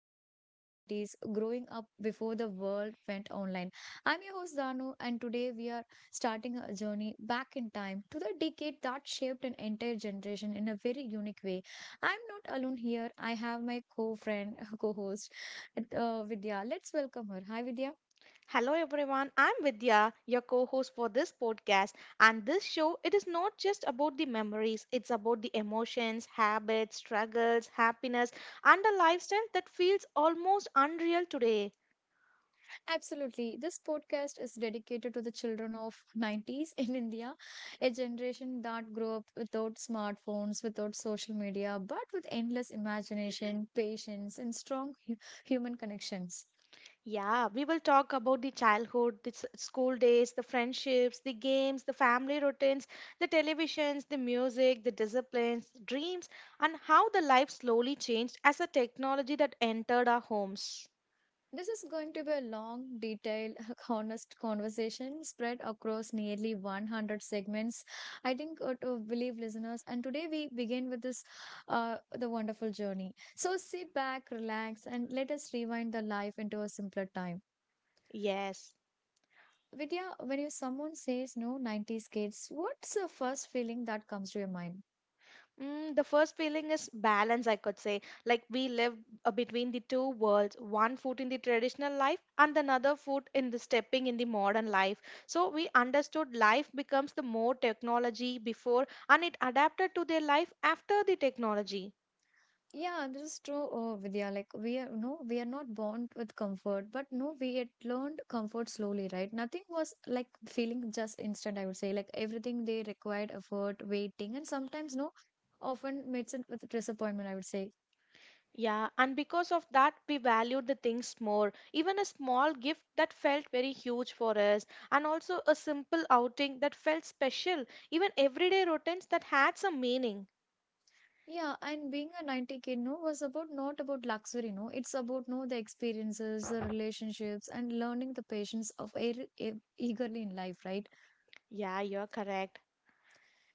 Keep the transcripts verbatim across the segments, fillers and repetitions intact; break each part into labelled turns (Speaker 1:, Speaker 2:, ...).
Speaker 1: Echoes of nineties, growing up before the world went online. I'm your host Danu, and today we are starting a journey back in time to the decade that shaped an entire generation in a very unique way. I'm not alone here. I have my co-friend, co-host, uh, Vidya. Let's welcome her. Hi, Vidya.
Speaker 2: Hello everyone, I'm Vidya, your co-host for this podcast. And this show, it is not just about the memories, it's about the emotions, habits, struggles, happiness, and a lifestyle that feels almost unreal today.
Speaker 1: Absolutely. This podcast is dedicated to the children of nineties in India, a generation that grew up without smartphones, without social media, but with endless imagination, patience, and strong hu- human connections.
Speaker 2: Yeah, we will talk about the childhood, the s- school days, the friendships, the games, the family routines, the televisions, the music, the disciplines, dreams, and how the life slowly changed as the technology that entered our homes.
Speaker 1: This is going to be a long, detailed, honest conversation spread across nearly one hundred segments. I think uh, to believe listeners, and today we begin with this uh, the wonderful journey. So sit back, relax, and let us rewind the life into a simpler time.
Speaker 2: Yes.
Speaker 1: Vidya, when you someone says no nineties kids, what's the first feeling that comes to your mind?
Speaker 2: Mm, the first feeling is balance, I could say. Like we live uh, between the two worlds, one foot in the traditional life and another foot in the stepping in the modern life. So we understood life becomes the more technology before and it adapted to their life after the technology.
Speaker 1: Yeah, this is true, uh, Vidya. Like we are no, we are not born with comfort, but no, we had learned comfort slowly, right? Nothing was like feeling just instant, I would say. Like everything they required effort, waiting, and sometimes no, often meets it with disappointment, I would say.
Speaker 2: Yeah, and because of that, we valued the things more. Even a small gift that felt very huge for us, and also a simple outing that felt special, even everyday routines that had some meaning.
Speaker 1: Yeah, and being a ninety kid, no, was about not about luxury, no. It's about no the experiences, the relationships, and learning the patience of air, e- eagerly in life, right?
Speaker 2: Yeah, you're correct.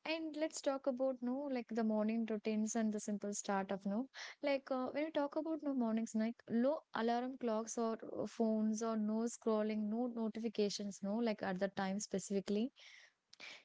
Speaker 1: And let's talk about no like the morning routines and the simple start of no. Like uh, when you talk about no mornings, like low alarm clocks or uh, phones or no scrolling, no notifications, no like at the time specifically.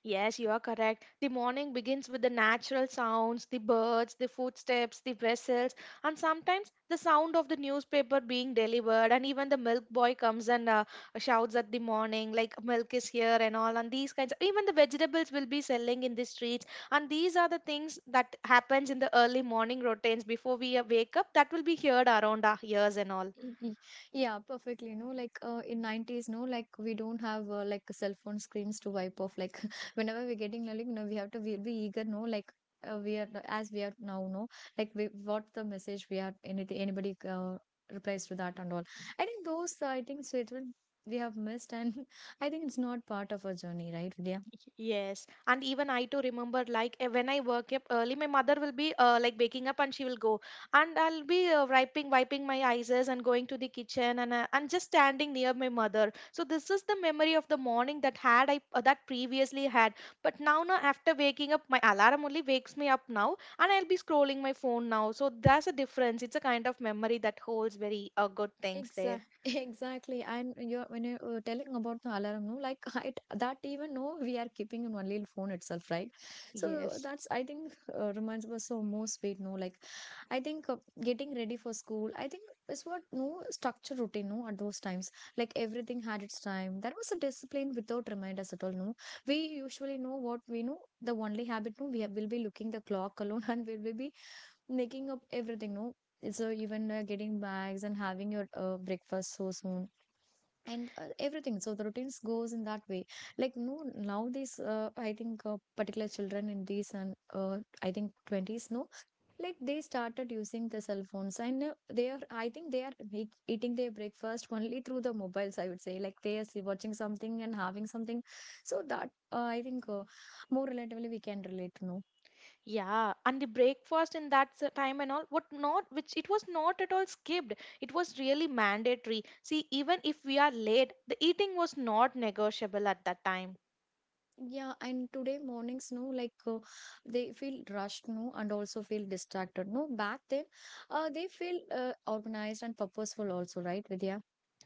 Speaker 2: Yes, you are correct. The morning begins with the natural sounds, the birds, the footsteps, the vessels, and sometimes the sound of the newspaper being delivered. And even the milk boy comes and uh, shouts at the morning, like milk is here and all. And these kinds, even the vegetables will be selling in the streets. And these are the things that happens in the early morning routines before we uh, wake up. That will be heard around our ears and all.
Speaker 1: Y- y- Yeah, perfectly. No, like uh, in nineties, no, like we don't have uh, like cell phone screens to wipe off. Like whenever we're getting like, you know, we have to be, be eager, no, like uh, we are as we are now, no, like we what the message we are anything anybody uh, replies to that and all. I think those uh, I think statement we have missed, and I think it's not part of our journey, right?
Speaker 2: Yes, and even I too remember like eh, when I wake up early, my mother will be uh, like waking up and she will go, and I'll be uh, wiping wiping my eyes and going to the kitchen and uh, and just standing near my mother. So this is the memory of the morning that had I uh, that previously had, but now now after waking up, my alarm only wakes me up now, and I'll be scrolling my phone now. So that's a difference. It's a kind of memory that holds very uh, good things there.
Speaker 1: Exactly. Exactly. And you're when you were telling about the alarm, no, like I that even no, we are keeping in only phone itself, right? So
Speaker 2: Yes.
Speaker 1: that's I think uh, reminds us so more sweet, no, like I think uh, getting ready for school, I think is what no structure routine, no, at those times, like everything had its time. There was a discipline without reminders at all, no. We usually know what we know. The only habit, no, we have, will be looking the clock alone, and we will be making up everything no, so even uh, getting bags and having your uh, breakfast so soon and uh, everything, so the routines goes in that way, like no now these uh, I think uh, particular children in these and uh, I think twenties, no, like they started using the cell phones and uh, they are i think they are make, eating their breakfast only through the mobiles, I would say, like they are see- watching something and having something. So that uh, I think uh, more relatively we can relate, no.
Speaker 2: Yeah, and the breakfast in that s- time and all, what not, which it was not at all skipped. It was really mandatory. See, even if we are late, the eating was not negotiable at that time.
Speaker 1: Yeah, and today mornings, no, like uh, they feel rushed, no, and also feel distracted, no. Back then, uh, they feel uh, organized and purposeful, also, right, Vidya?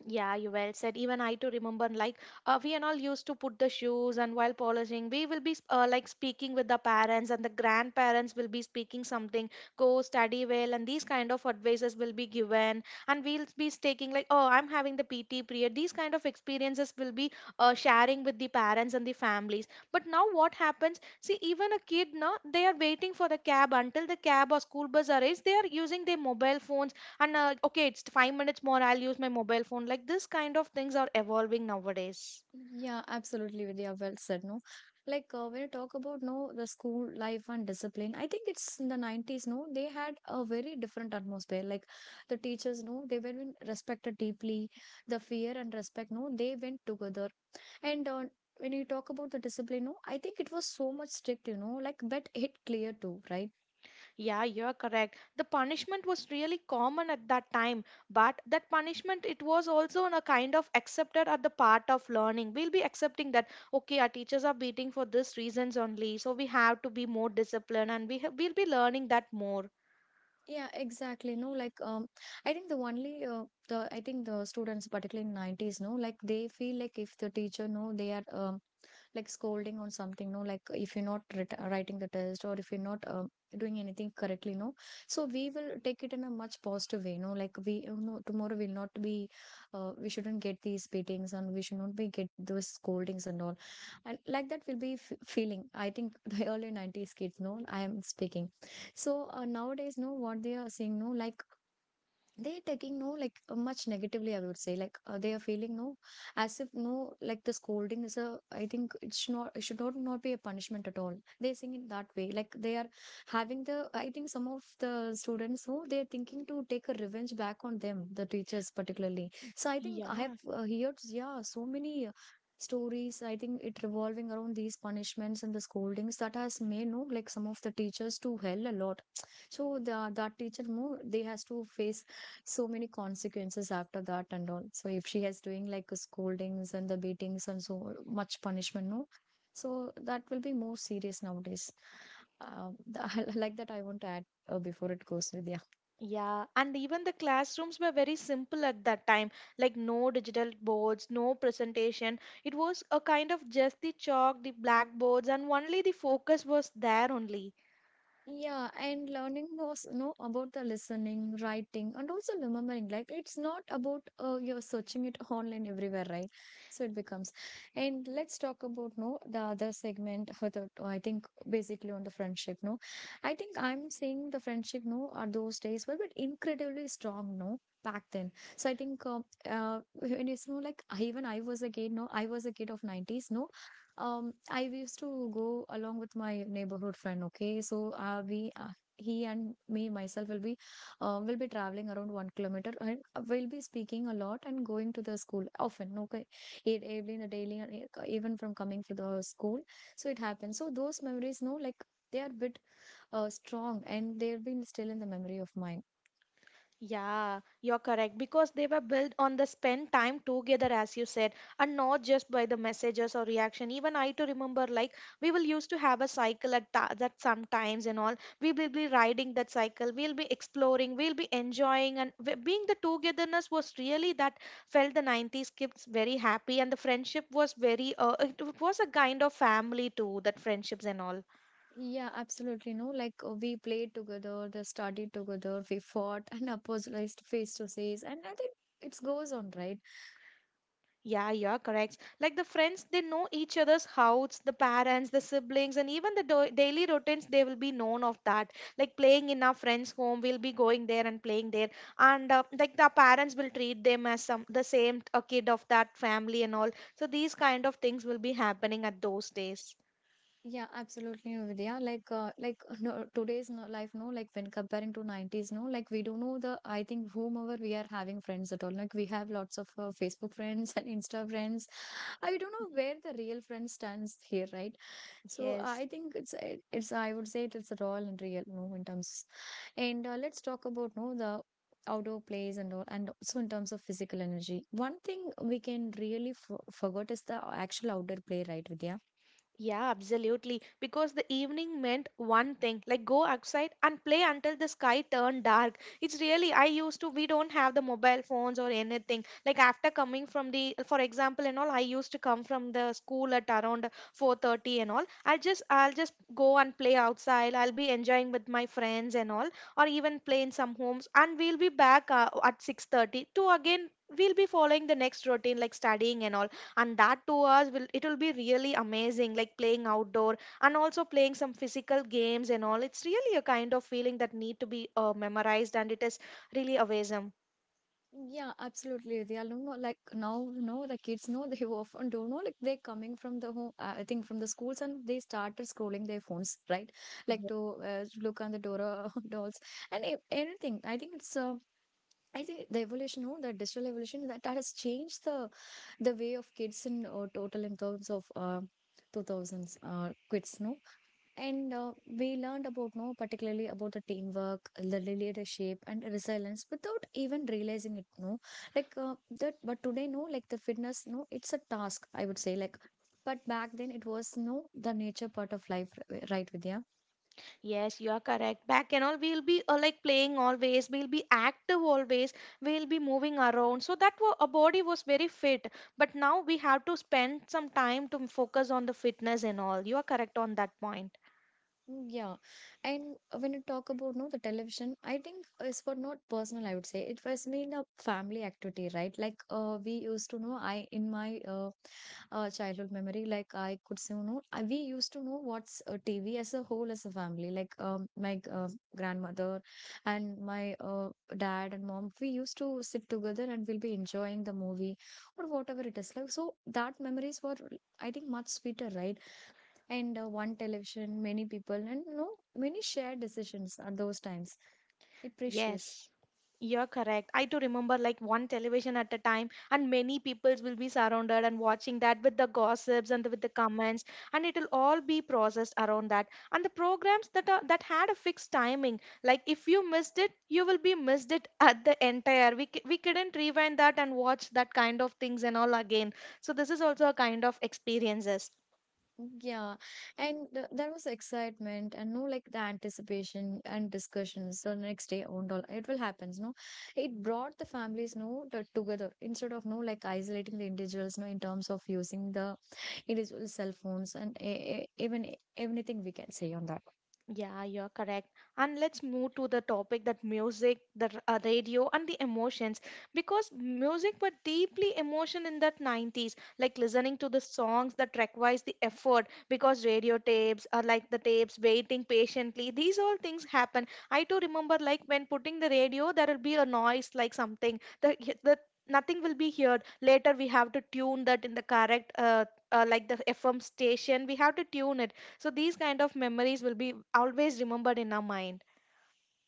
Speaker 2: Yeah, you well said. Even I too remember, like uh, we and all used to put the shoes, and while polishing, we will be sp- uh, like speaking with the parents, and the grandparents will be speaking something. Go study well, and these kind of advices will be given, and we'll be taking like, oh, I'm having the P T period. These kind of experiences will be uh, sharing with the parents and the families. But now what happens? See, even a kid, now they are waiting for the cab until the cab or school bus arrives. They are using their mobile phones and uh, okay, it's five minutes more, I'll use my mobile phone. Like this kind of things are evolving nowadays.
Speaker 1: Yeah, absolutely, Vidya. Well said, no. Like uh, when you talk about no, the school life and discipline, I think it's in the nineties, no, they had a very different atmosphere. Like the teachers, no, they were being respected deeply. The fear and respect, no, they went together. And uh, when you talk about the discipline, no, I think it was so much strict, you know, like but hit clear too, right?
Speaker 2: Yeah, you're correct, the punishment was really common at that time, but that punishment, it was also in a kind of accepted at the part of learning. We'll be accepting that okay, our teachers are beating for this reasons only, so we have to be more disciplined, and we ha- we'll be learning that more.
Speaker 1: Yeah, exactly. No, like um, I think the only uh, the I think the students, particularly in nineties, no, like they feel like if the teacher, no, they are um, like scolding on something, no, like if you're not writ- writing the test or if you're not um, doing anything correctly, no, so we will take it in a much positive way, no, like we you know tomorrow will not be uh, we shouldn't get these beatings and we should not be get those scoldings and all, and like that will be f- feeling, I think, the early nineties kids, no, I am speaking. So uh, nowadays, no, what they are saying, no, like they taking, no, like uh, much negatively, I would say, like uh, they are feeling no, as if, no, like the scolding is a, I think it should not, it should not, not be a punishment at all. They think it that way, like they are having the, I think, some of the students who they're thinking to take a revenge back on them, the teachers particularly. So I think I have
Speaker 2: Yeah.
Speaker 1: uh, heard, yeah, so many uh, stories, I think it revolving around these punishments and the scoldings that has made, no, like some of the teachers to hell a lot. So the, that teacher move they has to face so many consequences after that and all. So if she has doing like scoldings and the beatings and so much punishment, no, so that will be more serious nowadays. um, the, like that I want to add uh, before it goes with the.
Speaker 2: Yeah, and even the classrooms were very simple at that time, like no digital boards, no presentation. It was a kind of just the chalk, the blackboards, and only the focus was there only.
Speaker 1: Yeah, and learning knows know about the listening, writing, and also remembering. Like it's not about uh, you're searching it online everywhere, right? So it becomes. And let's talk about no the other segment. uh, the- I think basically on the friendship. No, I think I'm seeing the friendship. No, are those days were but incredibly strong. No, back then. So I think uh, uh when it's no like I, even I was a kid. No, I was a kid of nineties. No, um, I used to go along with my neighborhood friend. Okay, so uh, we, uh, he and me, myself will be, uh, will be traveling around one kilometer, and uh, we'll be speaking a lot and going to the school often. Okay, it every in the daily, and e- even from coming to the school, so it happens. So those memories, no, like they are bit uh, strong, and they've been still in the memory of mine.
Speaker 2: Yeah, you're correct because they were built on the spend time together, as you said, and not just by the messages or reaction. Even I to remember, like we will used to have a cycle at tha- that sometimes and all. We will be riding that cycle. We'll be exploring. We'll be enjoying, and w- being the togetherness was really that felt the nineties kids very happy, and the friendship was very. Uh, it was a kind of family too. That friendships and all.
Speaker 1: Yeah, absolutely. No, like uh, we played together, they studied together, we fought and apologized face to face, and I think it goes on, right?
Speaker 2: Yeah, you're correct. Like the friends, they know each other's house, the parents, the siblings, and even the do- daily routines, they will be known of that. Like playing in our friend's home, we'll be going there and playing there. And uh, like the parents will treat them as some the same a kid of that family and all. So these kind of things will be happening at those days.
Speaker 1: Yeah, absolutely, Vidya. Like, uh, like no, today's no, life, no, like when comparing to nineties, no, like we don't know the, I think, whomever we are having friends at all. Like, we have lots of uh, Facebook friends and Insta friends. I don't know where the real friend stands here, right? So,
Speaker 2: Yes.
Speaker 1: I think it's, it- it's, I would say it's raw and real, no, in terms. And uh, let's talk about, no, the outdoor plays and all, and also in terms of physical energy. One thing we can really f forget is the actual outdoor play, right, Vidya?
Speaker 2: Yeah, absolutely. Because the evening meant one thing, like go outside and play until the sky turned dark. It's really, I used to, we don't have the mobile phones or anything. Like after coming from the, for example, and all, I used to come from the school at around four thirty and all. I'll just, I'll just go and play outside. I'll be enjoying with my friends and all, or even play in some homes. And we'll be back uh, at six thirty to again, we'll be following the next routine like studying and all, and that two hours will, it will be really amazing like playing outdoor and also playing some physical games and all. It's really a kind of feeling that need to be uh, memorized, and it is really amazing.
Speaker 1: Yeah, absolutely. They are no like now, you know, the kids know they often don't know like they're coming from the home, uh, I think from the schools, and they started scrolling their phones, right? Like to uh, look on the Dora dolls and e- anything. I think it's uh, I think the evolution, no, the digital evolution that, that has changed the the way of kids in uh, total in terms of uh, two thousands uh, kids, no. And uh, we learned about more particularly about the teamwork, the leadership, and resilience without even realizing it. No, like uh, that. But today, no, like the fitness, no, it's a task. I would say like, but back then it was no the nature part of life, r- right, Vidya?
Speaker 2: Yes, you are correct. Back and all, we'll be uh, like playing always, we'll be active always, we'll be moving around so that wa- our body was very fit, but now we have to spend some time to focus on the fitness and all. You are correct on that point.
Speaker 1: Mm, yeah, and when you talk about no the television, I think it's for not personal. I would say it was been a family activity, right? Like uh, we used to know. I in my uh, uh, childhood memory. Like I could say, you know, I- we used to know what's uh, T V as a whole as a family. Like um, my g- uh, grandmother and my uh, dad and mom, we used to sit together and we'll be enjoying the movie or whatever it is. Like so, that memories were, I think, much sweeter, right? And uh, one television, many people, and you know, many shared decisions at those times. It precious.
Speaker 2: Yes, you're correct. I do remember like one television at a time, and many peoples will be surrounded and watching that with the gossips and with the comments, and it will all be processed around that. And the programs that are, that had a fixed timing, like if you missed it, you will be missed it at the entire. We c- we couldn't rewind that and watch that kind of things and all again. So this is also a kind of experiences.
Speaker 1: Yeah, and th- there was excitement and, no, like the anticipation and discussions the next day on all it will happens, no, it brought the families, no, t- together instead of, no, like isolating the individuals, no, in terms of using the individual cell phones and a- a- even anything we can say on that.
Speaker 2: Yeah, you're correct. And let's move to the topic that music, the r- uh, radio, and the emotions. Because music were deeply emotion in that nineties, like listening to the songs that requires the effort. Because radio tapes are like the tapes, waiting patiently. These all things happen. I too remember like when putting the radio, there will be a noise like something. The the nothing will be heard. Later we have to tune that in the correct uh, uh, like the F M station. We have to tune it, so these kind of memories will be always remembered in our mind.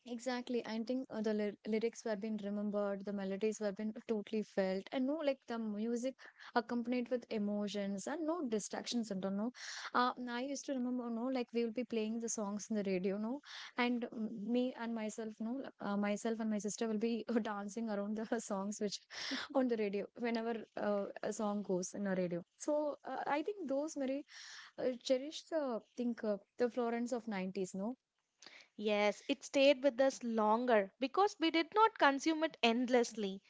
Speaker 1: Exactly. I think uh, the ly- lyrics were being remembered, the melodies were being totally felt, and, no, like the music accompanied with emotions and no distractions. I don't know. uh, I used to remember, no, like we will be playing the songs in the radio, no, and mm, me and myself, no, uh, myself and my sister will be dancing around the songs which on the radio whenever uh, a song goes in a radio. So uh, I think those very uh, cherish the think uh, the Florence of nineties, no.
Speaker 2: Yes, it stayed with us longer because we did not consume it endlessly.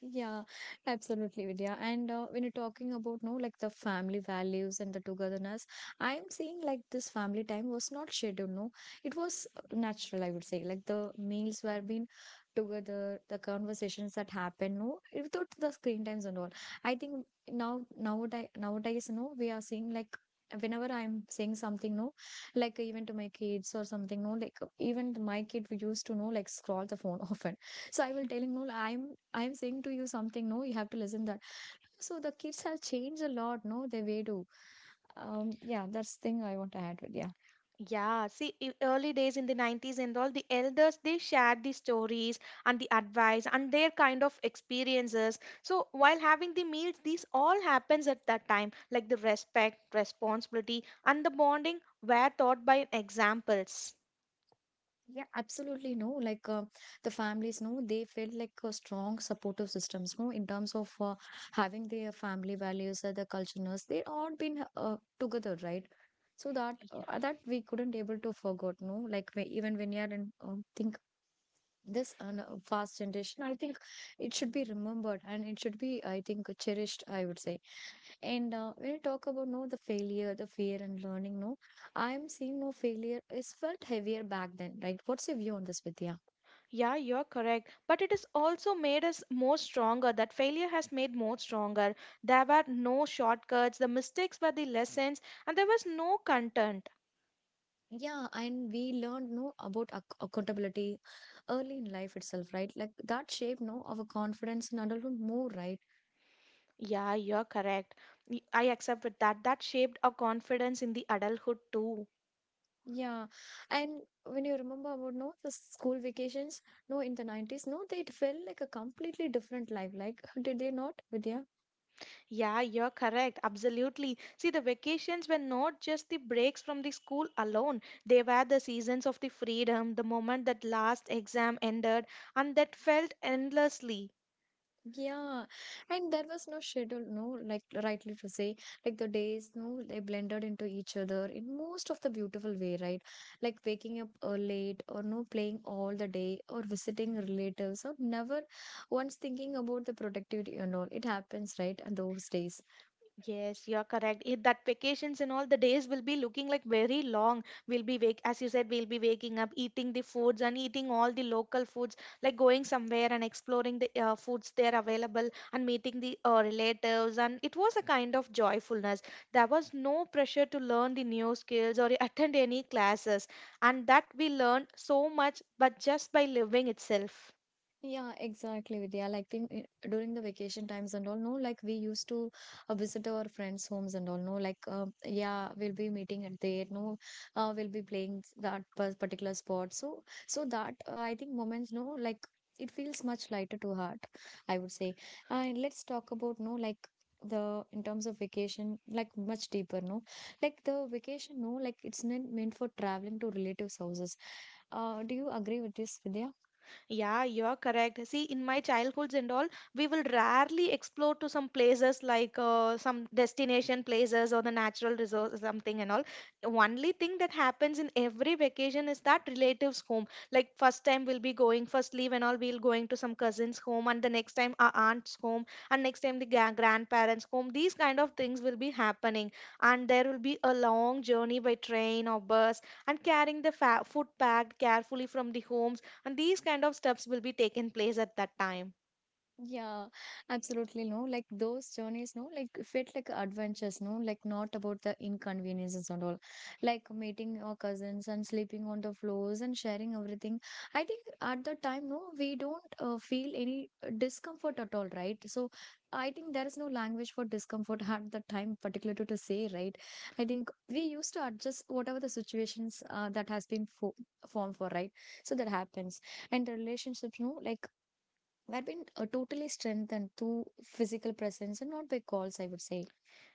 Speaker 1: Yeah, absolutely, Vidya. And uh, when you're talking about, no, like the family values and the togetherness, I'm seeing like this family time was not scheduled, no. It was uh, natural, I would say. Like the meals were being together, the conversations that happen, no, without the screen times and all. I think now, nowadays, nowadays, no, we are seeing like whenever I'm saying something, no, like even to my kids or something, no, like even my kid we used to know, like scroll the phone often, so I will telling no i'm i'm saying to you something, no, you have to listen that. So the kids have changed a lot, no, the way to. Um yeah, that's thing I want to add with. Yeah,
Speaker 2: Yeah, see, i- early days in the nineties and all, the elders they shared the stories and the advice and their kind of experiences. So while having the meals, these all happens at that time, like the respect, responsibility, and the bonding were taught by examples.
Speaker 1: yeah, absolutely, no, like uh, the families, no, they felt like a strong supportive systems, no, in terms of uh, having their family values, uh, the cultures they all been uh, together, right? So that uh, that we couldn't able to forget, no, like we, even when you are in um, think. This un- uh, fast generation, I think it should be remembered and it should be, I think, cherished, I would say. And uh, when you talk about, no, the failure, the fear and learning, no, I am seeing, no, failure is felt heavier back then, right? What's your view on this, Vidya?
Speaker 2: Yeah, you're correct. But it has also made us more stronger. That failure has made more stronger. There were no shortcuts, the mistakes were the lessons, and there was no content.
Speaker 1: Yeah, and we learned, no, about ac- accountability early in life itself, right? Like that shaped, no, our confidence in adulthood more, right?
Speaker 2: Yeah, you're correct. Y- I accept with that. That shaped our confidence in the adulthood too.
Speaker 1: Yeah, and when you remember about, no, the school vacations, no, in the nineties, no, they felt like a completely different life. Like did they not, Vidya?
Speaker 2: Yeah, you're correct. Absolutely. See, the vacations were not just the breaks from the school alone. They were the seasons of the freedom, the moment that last exam ended, and that felt endlessly.
Speaker 1: Yeah, and there was no schedule, no, like rightly to say, like the days, no, they blended into each other in most of the beautiful way, right? Like waking up uh, late or no playing all the day or visiting relatives or never once thinking about the productivity and all. It happens right on those days.
Speaker 2: Yes, you're correct. It, that vacations and all the days will be looking like very long. We'll be wake, as you said, we'll be waking up, eating the foods and eating all the local foods, like going somewhere and exploring the uh, foods there available and meeting the uh, relatives. And it was a kind of joyfulness. There was no pressure to learn the new skills or attend any classes, and that we learned so much, but just by living itself.
Speaker 1: Yeah, exactly, Vidya. Like in, in- during the vacation times and all, no, like we used to uh, visit our friends' homes and all, no, like uh, yeah, we'll be meeting at there, no, uh, we'll be playing s- that pers- particular spot. So, so that uh, I think moments, no, like it feels much lighter to heart, I would say. And let's talk about, no, like the in terms of vacation, like much deeper, no, like the vacation, no, like it's not meant for traveling to relatives' houses. Uh, do you agree with this, Vidya?
Speaker 2: Yeah, you're correct. See, in my childhoods and all, we will rarely explore to some places like uh, some destination places or the natural resource something and all. Only thing that happens in every vacation is that relatives' home. Like first time we'll be going, first leave and all, we'll going to some cousins' home, and the next time our aunt's home, and next time the gra- grandparents' home. These kind of things will be happening, and there will be a long journey by train or bus, and carrying the fa- food packed carefully from the homes, and these kind of steps will be taken place at that time.
Speaker 1: Yeah, absolutely. No, like those journeys, no, like felt like adventures, no, like not about the inconveniences and all. Like meeting our cousins and sleeping on the floors and sharing everything. I think at the time, no, we don't uh, feel any uh, discomfort at all, right? So I think there is no language for discomfort at the time, particularly to say, right? I think we used to adjust whatever the situations uh, that has been fo formed for, right? So that happens, and the relationships, no, like were been uh, totally strengthened through physical presence and not by calls, I would say.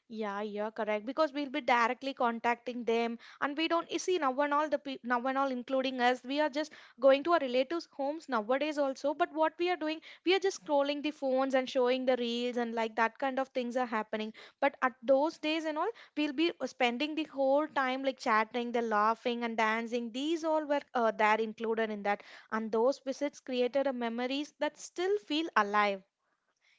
Speaker 2: Yeah, you're correct, because we'll be directly contacting them, and we don't you see now and all the pe- now and all including us, we are just going to our relatives homes nowadays also, but what we are doing, we are just scrolling the phones and showing the reels and like that kind of things are happening. But at those days and all, we'll be spending the whole time like chatting, the laughing and dancing. These all were uh, there included in that, and those visits created a memories that still feel alive.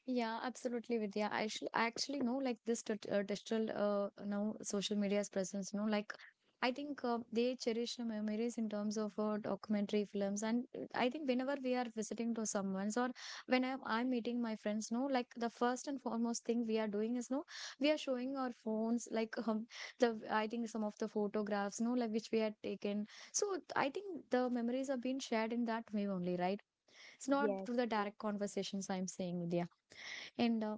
Speaker 1: Yeah, absolutely, Vidya. I actually, I actually know like this t- uh, digital uh, now social media's presence. You know, like I think uh, they cherish the memories in terms of uh, documentary films, and uh, I think whenever we are visiting to someone's or when I'm, I'm meeting my friends, no, like the first and foremost thing we are doing is, no, we are showing our phones, like um, the I think some of the photographs, no, like which we had taken. So I think the memories are being shared in that way only, right? It's not
Speaker 2: Yes.
Speaker 1: through the direct conversations I'm saying, Vidya. And uh,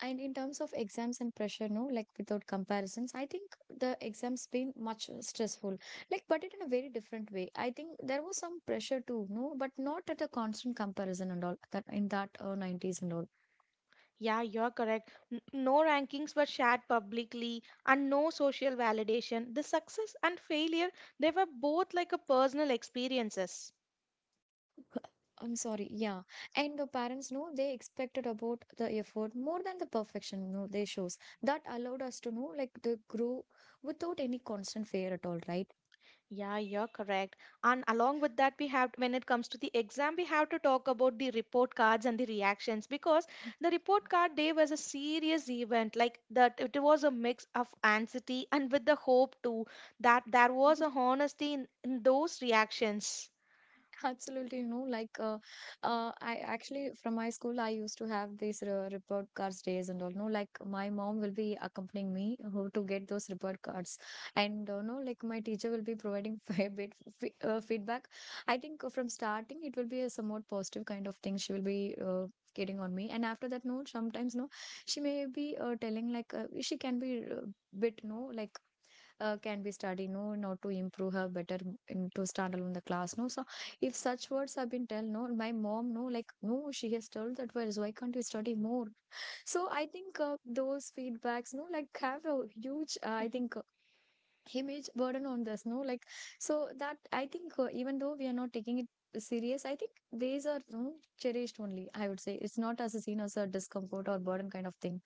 Speaker 1: and in terms of exams and pressure, no, like without comparisons, I think the exams been much stressful. Like, but it in a very different way. I think there was some pressure too, no, but not at a constant comparison and all that in that uh, nineties and all.
Speaker 2: Yeah, you're correct. N- No rankings were shared publicly and no social validation. The success and failure, they were both like a personal experiences.
Speaker 1: I'm sorry, yeah. And the parents, no, they expected about the effort more than the perfection, no, they shows. That allowed us to know like the grow without any constant fear at all, right?
Speaker 2: Yeah, you're correct. And along with that, we have, when it comes to the exam, we have to talk about the report cards and the reactions, because the report card day was a serious event. Like that, it was a mix of anxiety and with the hope too, that there was a honesty in, in those reactions.
Speaker 1: Absolutely, you know, like uh, uh, I actually from my school, I used to have these uh, report cards days and all. No, like my mom will be accompanying me uh, who to get those report cards, and uh, no, like my teacher will be providing fair bit f uh, feedback. I think uh, from starting it will be a somewhat positive kind of thing. She will be uh, getting on me, and after that, no, sometimes no, she may be uh, telling like uh, she can be. Uh, bit no like uh, can be studied no not to improve her better in to stand alone the class, no, so if such words have been tell, no, my mom, no, like, no, she has told that words, why can't you study more? So I think uh, those feedbacks, no, like have a huge uh, I think uh, image burden on this, no, like, so that I think uh, even though we are not taking it serious, I think these are, no, cherished only, I would say. It's not as a seen as a discomfort or burden kind of thing.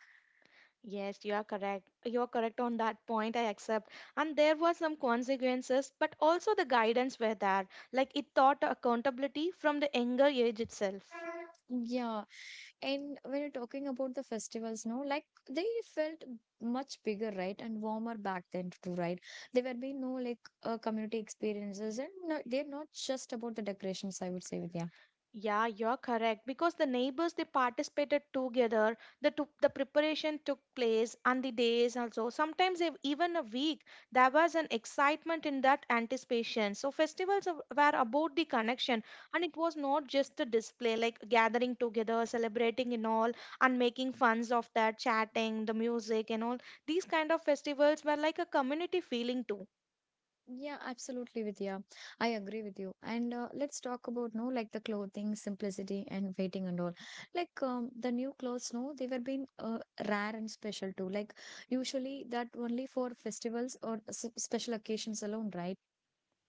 Speaker 2: Yes, you are correct. You are correct on that point. I accept. And there were some consequences, but also the guidance were there. Like it taught accountability from the younger age itself.
Speaker 1: Yeah. And when you're talking about the festivals, no, like they felt much bigger, right, and warmer back then too, right? There were being no like uh, community experiences, and, no, they're not just about the decorations. I would say, Vidya.
Speaker 2: Yeah, you're correct, because the neighbors they participated together. The took the preparation took place and the days also. Sometimes ev- even a week. There was an excitement in that anticipation. So festivals of- were about the connection, and it was not just a display, like gathering together, celebrating and all, and making funs of that, chatting, the music and all. These kind of festivals were like a community feeling too.
Speaker 1: Yeah, absolutely, Vidya. I agree with you. And uh, let's talk about, no, like the clothing, simplicity, and waiting and all. Like um, the new clothes, no, they were being uh, rare and special too. Like usually that only for festivals or s- special occasions alone, right?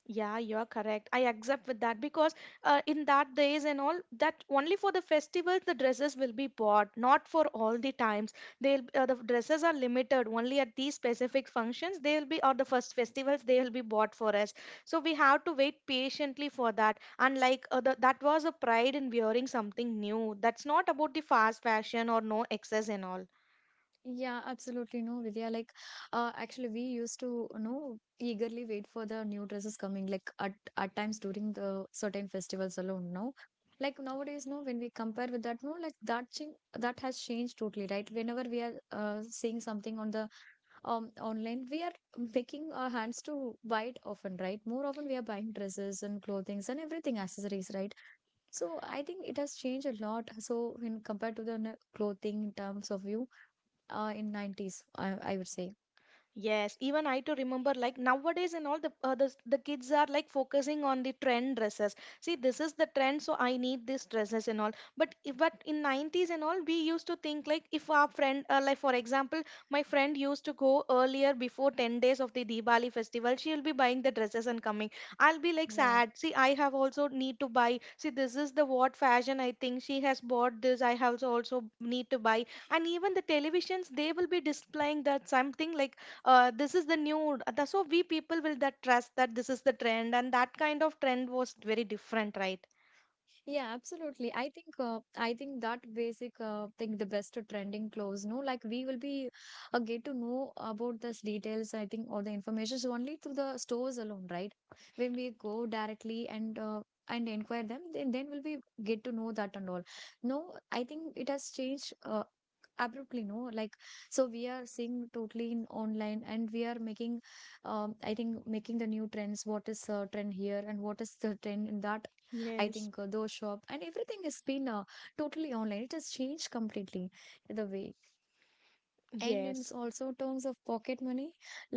Speaker 2: Yeah, you're correct. I accept with that, because uh, in that days and all, that only for the festivals the dresses will be bought, not for all the times. They'll uh, the dresses are limited only at these specific functions. They will be or the first festivals they will be bought for us. So we have to wait patiently for that. And like uh, the, that was a pride in wearing something new. That's not about the fast fashion or no excess and all.
Speaker 1: Yeah, absolutely, no, Vidya. Like, uh, actually, we used to, you know, eagerly wait for the new dresses coming. Like at at times during the certain festivals alone. No, like nowadays, no, when we compare with that, no, like that thing that has changed totally, right? Whenever we are uh, seeing something on the um online, we are making our hands to buy it often, right? More often, we are buying dresses and clothings and everything accessories, right? So I think it has changed a lot. So when compared to the n- clothing in terms of view uh, in nineties, I, I would say.
Speaker 2: Yes, even I too remember like nowadays and all, the uh, the, the kids are like focusing on the trend dresses. See, this is the trend, so I need these dresses and all. But if, but in nineties and all, we used to think like if our friend, uh, like for example, my friend used to go earlier before ten days of the Diwali festival, she'll be buying the dresses and coming. I'll be like
Speaker 1: Yeah.
Speaker 2: sad. See, I have also need to buy. See, this is the what fashion I think she has bought this. I have also need to buy. And even the televisions, they will be displaying that something like uh, this is the new the- so we people will that trust that this is the trend, and that kind of trend was very different, right?
Speaker 1: Yeah, absolutely. I think uh, I think that basic uh, thing, the best trending clothes. No, like we will be uh, get to know about this details. I think all the information is only through the stores alone, right? When we go directly and uh, and inquire them, then then will we get to know that and all. No, I think it has changed. Uh, abruptly, no, like so we are seeing totally in online and we are making um I think making the new trends, what is uh, trend here and what is the trend in that. I
Speaker 2: Yes,
Speaker 1: think uh, those shop and everything has been uh, totally online. It has changed completely the way. And in
Speaker 2: yes.
Speaker 1: s- also terms of pocket money,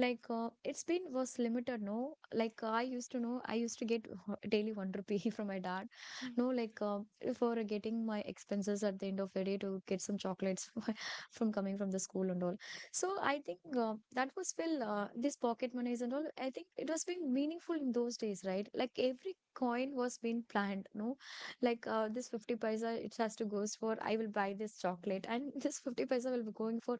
Speaker 1: like uh, it's been was limited, no, like uh, i used to know i used to get daily one rupee from my dad, no, like uh, for getting my expenses at the end of the day to get some chocolates from coming from the school and all. So I think uh, that was still uh, this pocket monies and all, I think it was being meaningful in those days, right? Like every coin was being planned, no, like uh, this fifty paisa it has to goes for I will buy this chocolate, and this fifty paisa will be going for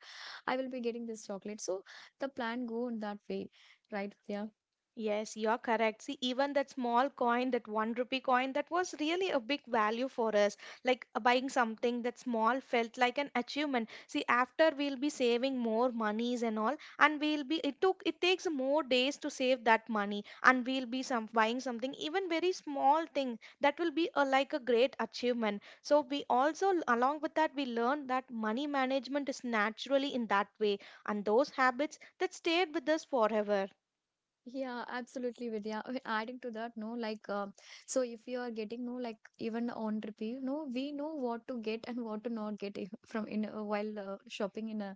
Speaker 1: I will be getting this chocolate. So the plan go in that way, right, Vidya?
Speaker 2: Yes, you're correct. See, even that small coin, that one rupee coin, that was really a big value for us. Like uh, buying something that small felt like an achievement. See, after we'll be saving more monies and all, and we'll be it took it takes more days to save that money, and we'll be some buying something even very small thing, that will be a, like a great achievement. So we also along with that we learned that money management is naturally in that way, and those habits that stayed with us forever.
Speaker 1: Yeah, absolutely, Vidya. I Adding to that, no, like, uh, so if you are getting, no, like, even on repeat, no, we know what to get and what to not get if- from in uh, while uh, shopping in a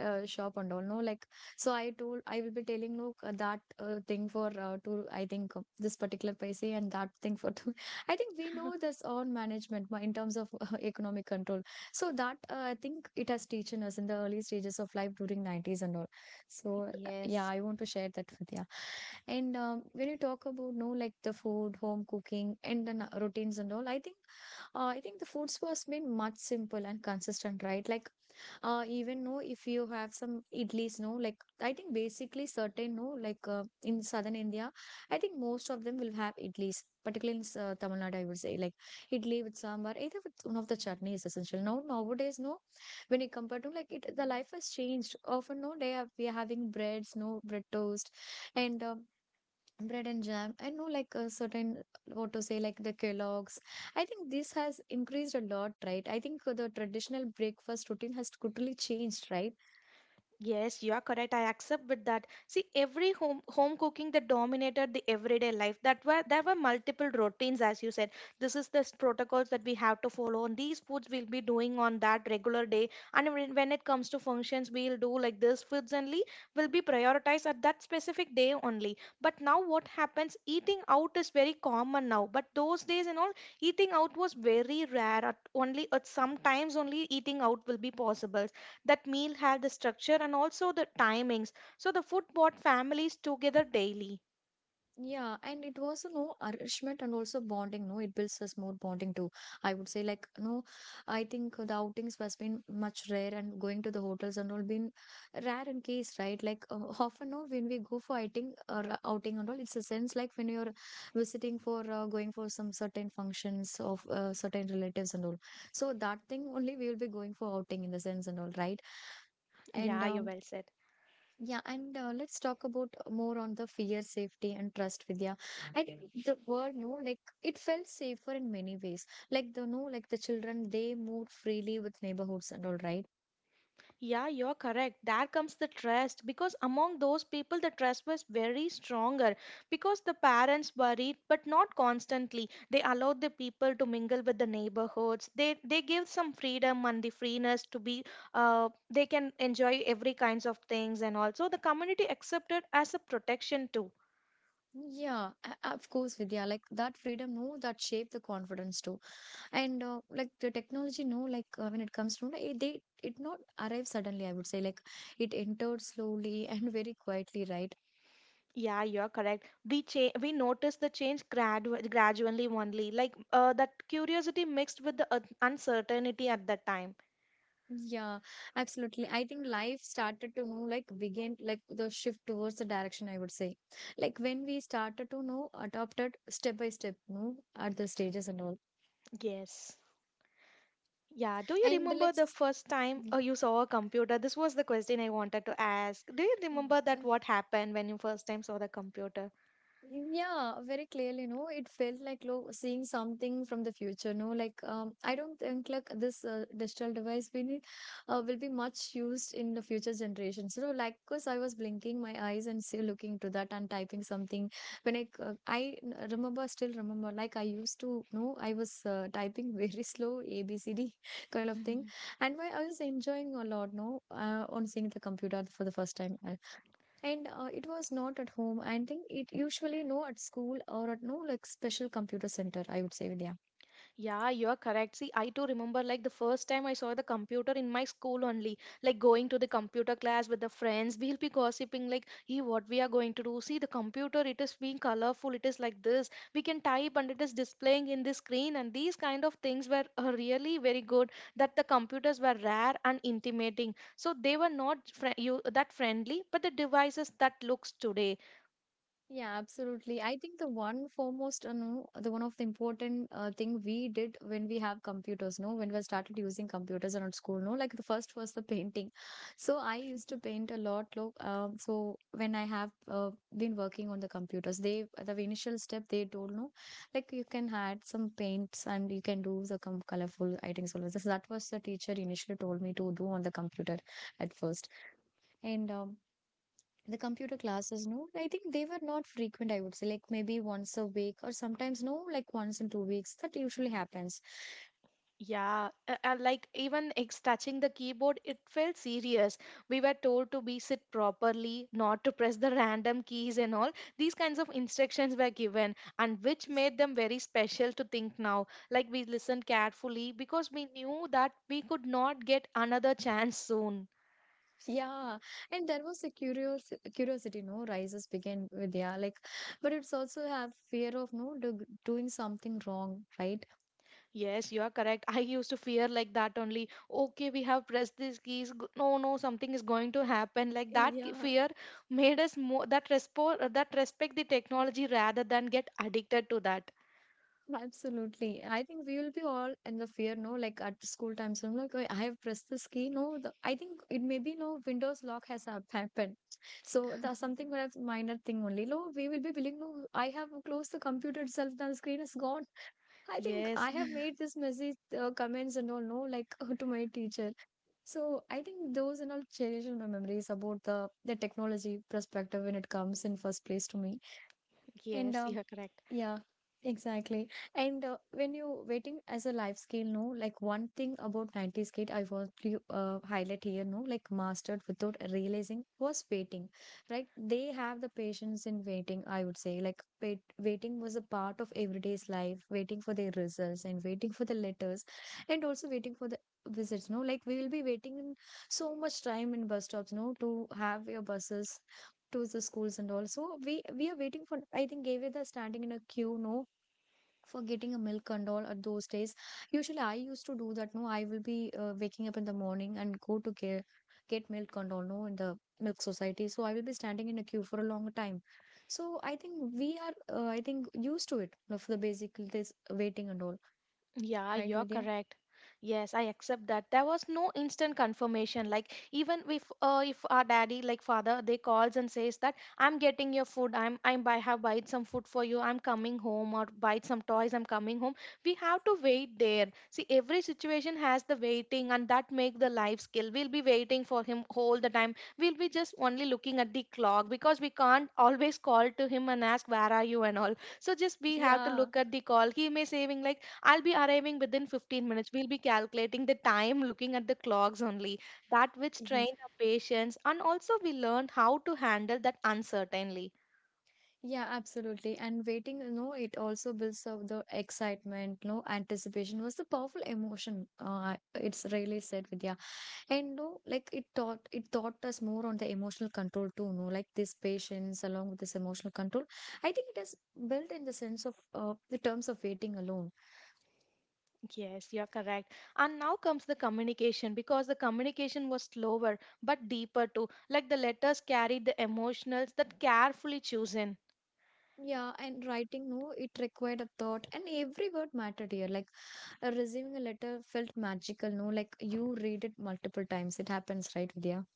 Speaker 1: uh, shop and all, no, like, so I told I will be telling, look, uh, that uh, thing for uh, to I think uh, this particular paise and that thing for two. I think we know this on management ma- in terms of uh, economic control. So that, uh, I think it has teaching us in the early stages of life during nineties and all. So uh, yeah,
Speaker 2: Yes,
Speaker 1: I want to share that with you. And um, when you talk about, no, like the food, home cooking, and the n- routines and all, I think uh, I think the foods was been much simple and consistent, right? Like uh, even know if you have some idlis, no, like I think basically certain, no, like uh, in southern India, I think most of them will have idlis, particularly in uh, Tamil Nadu, I would say. Like idli with sambar, either with one of the chutneys, essential now. Nowadays, no, when it compared to like it, the life has changed often, no, they have, we are having breads, no, bread toast, and um, bread and jam, I know, like a certain, uh, what to say, like the Kellogg's. I think this has increased a lot, right? I think the traditional breakfast routine has totally changed, right?
Speaker 2: yes, you are correct. I accept with that. See, every home home cooking that dominated the everyday life. That were there were multiple routines, as you said. This is the s- protocols that we have to follow, and these foods we'll be doing on that regular day. And when when it comes to functions, we'll do like this. Foods only will be prioritized at that specific day only. But now what happens? Eating out is very common now. But those days and all, eating out was very rare. At only at sometimes only eating out will be possible, that meal had the structure and also the timings. So the food brought families together daily.
Speaker 1: Yeah, and it was, you know, nourishment and also bonding. No, it builds us more bonding too. I would say, like, no, I think the outings has been much rare, and going to the hotels and all been rare in case, right? Like, uh, often, no, when we go for outing or uh, outing and all, it's a sense like when you're visiting for uh, going for some certain functions of uh, certain relatives and all. So that thing only we will be going for outing in the sense and all, right? And
Speaker 2: Yeah, you
Speaker 1: um,
Speaker 2: well said.
Speaker 1: yeah, and uh, let's talk about more on the fear, safety, and trust, Vidya. I think okay, the word, no, like it felt safer in many ways. Like the, no, like the children, they moved freely with neighborhoods and all, right?
Speaker 2: Yeah, you're correct, there comes the trust, because among those people the trust was very stronger, because the parents worried but not constantly. They allowed the people to mingle with the neighborhoods. They they give some freedom and the freeness to be, uh, they can enjoy every kinds of things, and also the community accepted as a protection too.
Speaker 1: Yeah, a- of course, Vidya. Like that freedom, no, that shaped the confidence too. And uh, like the technology, no, like uh, when it comes to, it, they it not arrive suddenly. I would say, like it entered slowly and very quietly, right?
Speaker 2: Yeah, you're correct. We cha- we notice the change gradu- gradually only, like uh, that curiosity mixed with the un- uncertainty at that time.
Speaker 1: Yeah, absolutely. I think life started to know, like, begin, like, the shift towards the direction, I would say. Like, when we started to know, adopted step by step, no, at the stages and all.
Speaker 2: Yes. Yeah. Do you
Speaker 1: And
Speaker 2: remember the
Speaker 1: let's,
Speaker 2: first time uh, you saw a computer? This was the question I wanted to ask. Do you remember that what happened when you first time saw the computer?
Speaker 1: mm, yeah, very clearly, no. It felt like lo seeing something from the future, no. Like um, I don't think like this uh, digital device will be, uh, will be much used in the future generations. You know, like because I was blinking my eyes and still looking to that and typing something. When I c- I n- remember, still remember, like I used to know I was uh, typing very slow A B C D kind of thing, and why I was enjoying a lot, no, uh, on seeing the computer for the first time. Uh, and uh, it was not at home. I think it usually, no, at school or at, no, like special computer center, I would say, Vidya.
Speaker 2: Yeah, you're correct. See, I too remember like the first time I saw the computer in my school only, like going to the computer class with the friends. We'll be gossiping like, hey, what we are going to do. See, the computer, it is being colorful. It is like this. We can type and it is displaying in the screen. And these kind of things were uh, really very good, that the computers were rare and intimating. So they were not fri you that friendly, but the devices that looks today.
Speaker 1: Yeah, absolutely. I think the one foremost, you know, the one of the important uh, thing we did when we have computers, no, when we started using computers in our school, no, like the first was the painting. So I used to paint a lot. Look, um, so when I have uh, been working on the computers, they the initial step they told, no, like you can add some paints and you can do the com colorful items. So that was the teacher initially told me to do on the computer at first, and um, the computer classes, no, I think they were not frequent, I would say, like maybe once a week or sometimes, no, like once in two weeks, that usually happens.
Speaker 2: Yeah, uh, uh, like even ex touching the keyboard, it felt serious. We were told to be sit properly, not to press the random keys and all. These kinds of instructions were given, and which made them very special to think now. Like we listened carefully because we knew that we could not get another chance soon.
Speaker 1: Yeah, and there was a curious curiosity, no, rises began with, yeah, like but it's also have fear of, no, do, doing something wrong, right?
Speaker 2: Yes, you are correct. I used to fear like that only. Okay, we have pressed these keys. G- No, no, something is going to happen. Like that ki-
Speaker 1: Yeah,
Speaker 2: fear made us more that respo- uh, that respect the technology rather than get addicted to that.
Speaker 1: absolutely. I think we will be all in the fear, no? Like at school time, so I'm like, "Oh, I have pressed this key. No, the, I think it may be, no, Windows lock has hap- happened. So that's something would have minor thing only. No, we will be willing, no, I have closed the computer itself, the screen is gone. I think
Speaker 2: Yes,
Speaker 1: I have made this messy uh, comments and all, no, like to my teacher. So I think those and all cherish in my memories about the the technology perspective when it comes in first place to me. And
Speaker 2: yes, you
Speaker 1: um,
Speaker 2: are correct.
Speaker 1: yeah, exactly. And uh, when you waiting as a life skill, no, like one thing about nineties kid I want to uh, highlight here, no, like mastered without realizing was waiting, right? They have the patience in waiting, I would say. Like wait, waiting was a part of everyday's life, waiting for their results and waiting for the letters and also waiting for the visits, no? Like we will be waiting in so much time in bus stops, no, to have your buses to the schools and all. So we we are waiting for. I think Gavier are standing in a queue. No. For getting a milk and all at those days, usually I used to do that. No, I will be uh, waking up in the morning and go to get get milk and all. No, in the milk society, so I will be standing in a queue for a long time. So I think we are, uh, I think used to it. Of the basic this waiting and all,
Speaker 2: Yeah,
Speaker 1: right,
Speaker 2: you're
Speaker 1: Vidya?
Speaker 2: correct. Yes, I accept that. There was no instant confirmation. Like even if uh, if our daddy, like father, they calls and says that I'm getting your food. I'm I'm I have buyed some food for you. I'm coming home or buy some toys. I'm coming home. We have to wait there. See, every situation has the waiting, and that make the life skill. We'll be waiting for him all the time. We'll be just only looking at the clock, because we can't always call to him and ask where are you and all. So just we have to
Speaker 1: Yeah,
Speaker 2: look at the call. He may saving like I'll be arriving within fifteen minutes. We'll be calculating the time looking at the clocks only. That which trained our patience, and also we learned how to handle that uncertainly.
Speaker 1: yeah, absolutely. And waiting, you know, it also builds up the excitement, no, anticipation was the powerful emotion. Uh, it's really said, Vidya. And no, like it taught it taught us more on the emotional control too, no, like this patience along with this emotional control. I think it is built in the sense of uh, the terms of waiting alone.
Speaker 2: Yes, you're correct. And now comes the communication, because the communication was slower but deeper too. Like the letters carried the emotionals that carefully chosen.
Speaker 1: Yeah, and writing, no, it required a thought, and every word mattered here. Like uh, receiving a letter felt magical, no, like you read it multiple times. It happens, right, Vidya?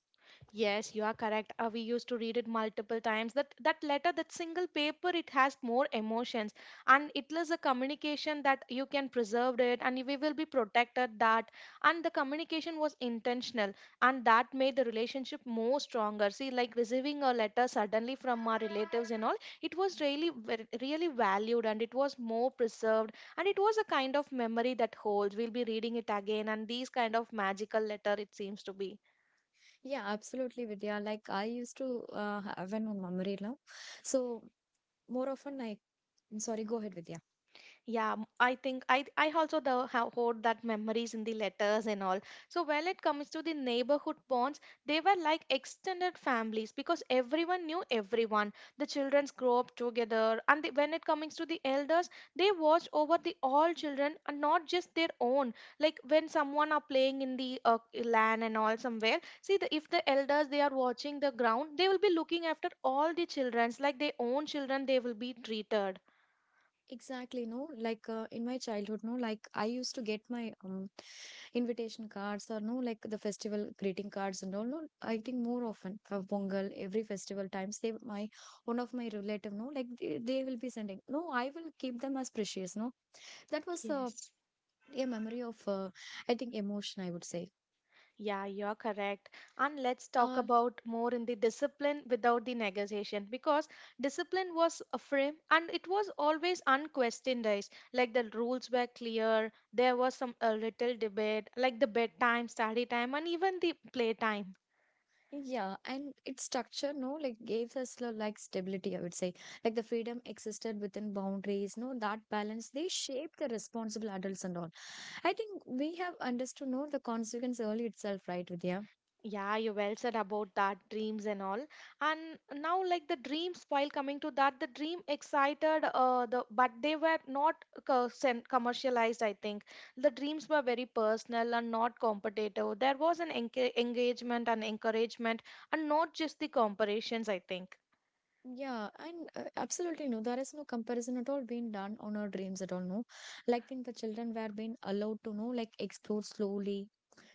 Speaker 2: Yes, you are correct. Uh, we used to read it multiple times. That that letter, that single paper, it has more emotions, and it is a communication that you can preserve it, and we will be protected that. And the communication was intentional, and that made the relationship more stronger. See, like receiving a letter suddenly from our relatives and all, it was really ver- really valued, and it was more preserved, and it was a kind of memory that holds. We'll be reading it again, and these kind of magical letter, it seems to be.
Speaker 1: Yeah, absolutely, Vidya. Like I used to uh, have an memory now. So more often, I I'm sorry, go ahead, Vidya.
Speaker 2: Yeah, m- I think I I also the, have hold that memories in the letters and all. So when it comes to the neighborhood bonds, they were like extended families, because everyone knew everyone. The childrens grow up together, and the, when it comes to the elders, they watch over the all children and not just their own. Like when someone are playing in the uh, land and all somewhere, see the, if the elders they are watching the ground, they will be looking after all the childrens like their own children. They will be treated.
Speaker 1: Exactly, no. Like uh, in my childhood, no. Like I used to get my um, invitation cards or, no, like the festival greeting cards and all. No, I think more often for Pongal, every festival times they my one of my relative, no, like they, they will be sending. No, I will keep them as precious. No, that was uh,
Speaker 2: Yes.
Speaker 1: a memory of, uh, I think emotion. I would say.
Speaker 2: Yeah, you're correct. And let's talk
Speaker 1: Uh,
Speaker 2: about more in the discipline without the negotiation, because discipline was a frame and it was always unquestioned, guys. Like the rules were clear, there was some a little debate, like the bedtime, study time, and even the playtime.
Speaker 1: Yeah, and its structure, no, like gave us lo- like stability, I would say. Like the freedom existed within boundaries, no, that balance, they shaped the responsible adults and all. I think we have understood, no, the consequence early itself, right, Vidya?
Speaker 2: Yeah, you well said about that dreams and all. And now, like the dreams, while coming to that, the dream excited, uh, the but they were not co- sen- commercialized. I think the dreams were very personal and not competitive. There was an enca- engagement and encouragement, and not just the comparisons, I think.
Speaker 1: Yeah, and uh, absolutely, no, there is no comparison at all being done on our dreams at all, no. Like, think the children were being allowed to, know, like explore slowly.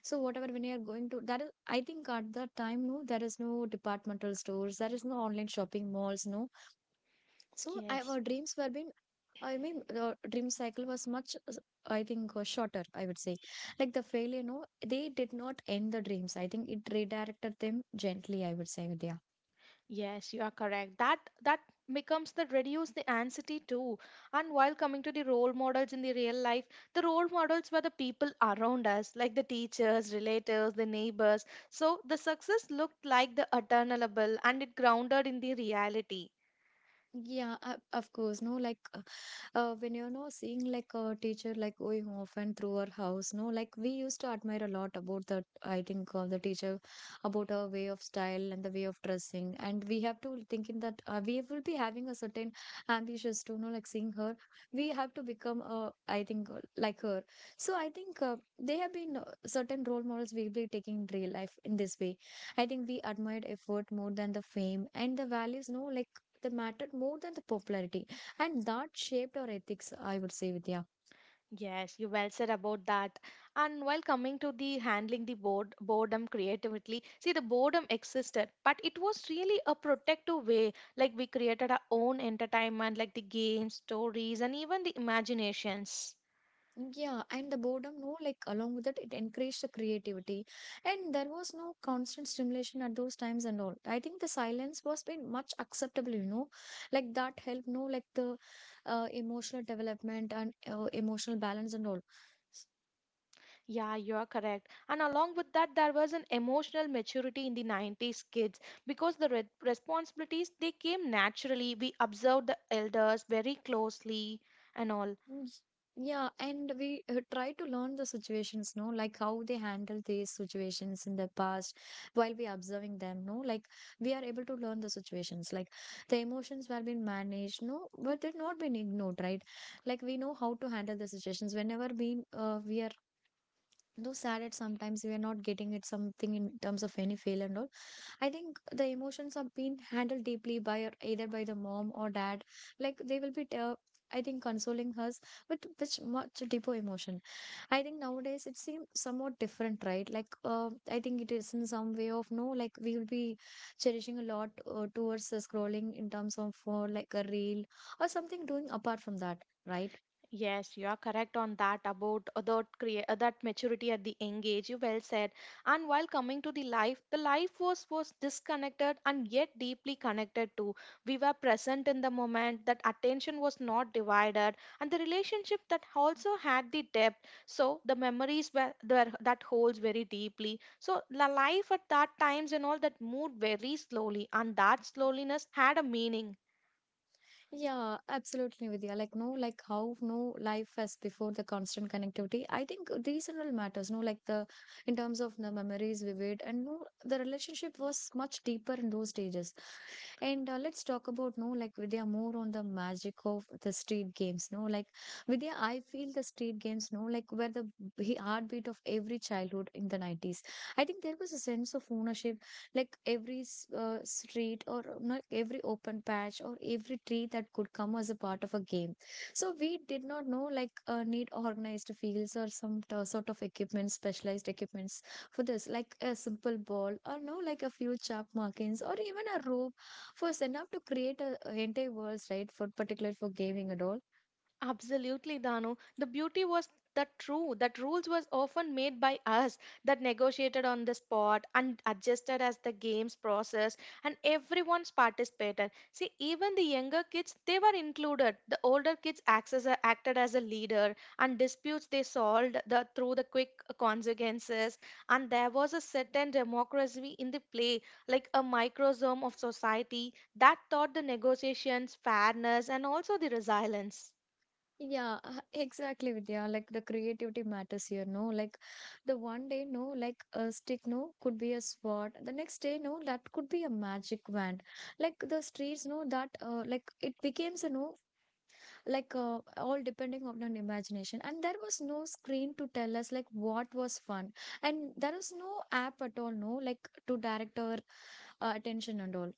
Speaker 1: So whatever when you are going to that is, I think at that time, no, there is no departmental stores, there is no online shopping malls, no. So I,
Speaker 2: Yes.
Speaker 1: our dreams were been, I mean, the dream cycle was much, uh, I think, uh, shorter, I would say. Like the failure, no, they did not end the dreams. I think it redirected them gently, I would say, Vidya.
Speaker 2: Yes, you are correct. That that becomes the reduce the anxiety too. And while coming to the role models in the real life, the role models were the people around us, like the teachers, relatives, the neighbors. So the success looked like the attainable and it grounded in the reality.
Speaker 1: Yeah, uh, of course, no, like uh, uh, when you know seeing like a teacher like going often through our house no like we used to admire a lot about the I think uh, the teacher about her way of style and the way of dressing, and we have to think in that uh, we will be having a certain ambitions to know like seeing her. We have to become uh, I think uh, like her. So i think uh, they have been uh, certain role models we will be taking in real life in this way. I think we admired effort more than the fame, and the values no like they mattered more than the popularity, and that shaped our ethics, I would say, Vidya.
Speaker 2: Yes, you well said about that. And while coming to the handling the bored, boredom creatively, see the boredom existed, but it was really a protective way. Like we created our own entertainment, like the games, stories, and even the imaginations.
Speaker 1: Yeah, and the boredom, no, like along with it, it encouraged the creativity, and there was no constant stimulation at those times and all. I think the silence was been much acceptable, you know, like that helped, no, like the uh, emotional development and uh, emotional balance and all.
Speaker 2: Yeah, you are correct. And along with that, there was an emotional maturity in the nineties kids because the re- responsibilities they came naturally. We observed the elders very closely and all.
Speaker 1: Mm, yeah, and we uh, try to learn the situations, no, like how they handle these situations in the past. While we observing them, no, like we are able to learn the situations, like the emotions were being managed, no, but they've not been ignored, right? Like we know how to handle the situations. Whenever we uh, we are no sad at sometimes, we are not getting at something in terms of any failure and all. I think the emotions are being handled deeply by our, either by the mom or dad. Like they will be, uh, I think, consoling us with which much deeper emotion. I think nowadays it seems somewhat different, right? Like uh, I think it is in some way of no, like we will be cherishing a lot uh, towards the scrolling in terms of for like a reel or something doing apart from that. Right,
Speaker 2: Yes, you are correct on that about uh, that crea- uh, that maturity at the young age. You well said. And while coming to the life, the life was was disconnected and yet deeply connected too. We were present in the moment. That attention was not divided, and the relationship that also had the depth. So the memories were there that holds very deeply. So the life at that times and all that moved very slowly, and that slowness had a meaning.
Speaker 1: yeah, absolutely, Vidya. Like, no, like how no life as before the constant connectivity. I think these and all matters, no, like the in terms of the memories vivid, and no, the relationship was much deeper in those stages. And uh, let's talk about no like Vidya more on the magic of the street games. No, like Vidya, I feel the street games. No, like where the b- heartbeat of every childhood in the nineties. I think there was a sense of ownership, like every s- uh, street or uh, not every open patch or every tree that could come as a part of a game. So we did not know like uh, need organized fields or some t- sort of equipment, specialized equipments for this, like a simple ball or no, like a few chalk markings or even a rope first enough to create a, a entire worlds, right? For particular for gaming and all.
Speaker 2: Absolutely, Danu. The beauty was that true that rules was often made by us that negotiated on the spot and adjusted as the game's process and everyone's participated. See, even the younger kids they were included. The older kids access, acted as a leader and disputes they solved the, through the quick consequences. And there was a certain democracy in the play, like a microsome of society that taught the negotiations fairness and also the resilience.
Speaker 1: Yeah, uh, exactly, Vidya. Like the creativity matters here, no? Like the one day, no, like a stick, no, could be a sword. The next day, no, that could be a magic wand. Like the streets, no, that, uh, like it becomes, a no, like uh, all depending on an imagination. And there was no screen to tell us like what was fun, and there was no app at all, no, like to direct our uh, attention and all.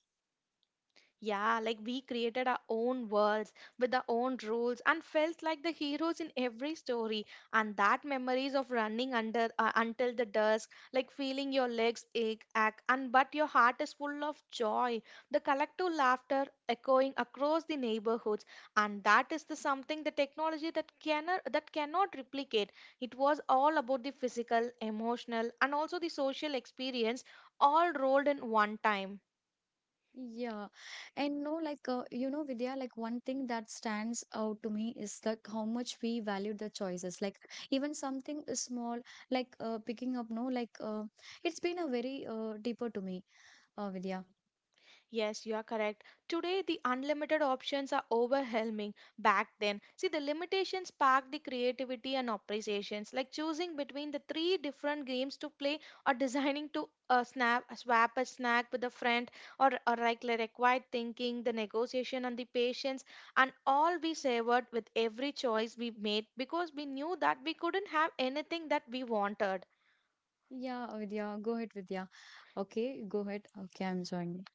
Speaker 2: Yeah, like we created our own worlds with our own rules and felt like the heroes in every story. And that memories of running under uh, until the dusk, like feeling your legs ache, ache, and but your heart is full of joy. The collective laughter echoing across the neighborhoods, and that is the something the technology that cannot that cannot replicate. It was all about the physical, emotional, and also the social experience all rolled in one time.
Speaker 1: Yeah, and no, like uh, you know, Vidya, like one thing that stands out to me is like how much we value the choices. Like even something small, like uh, picking up, no, like uh, it's been a very uh, deeper to me, uh, Vidya.
Speaker 2: Yes, you are correct. Today, the unlimited options are overwhelming. Back then, see, the limitations sparked the creativity and appreciations, like choosing between the three different games to play or designing to uh, snap, swap a snack with a friend, or, or like like required thinking, the negotiation, and the patience, and all we savored with every choice we made because we knew that we couldn't have anything that we wanted.
Speaker 1: Yeah, Vidya, go ahead, Vidya. Okay, go ahead. Okay, I'm joining.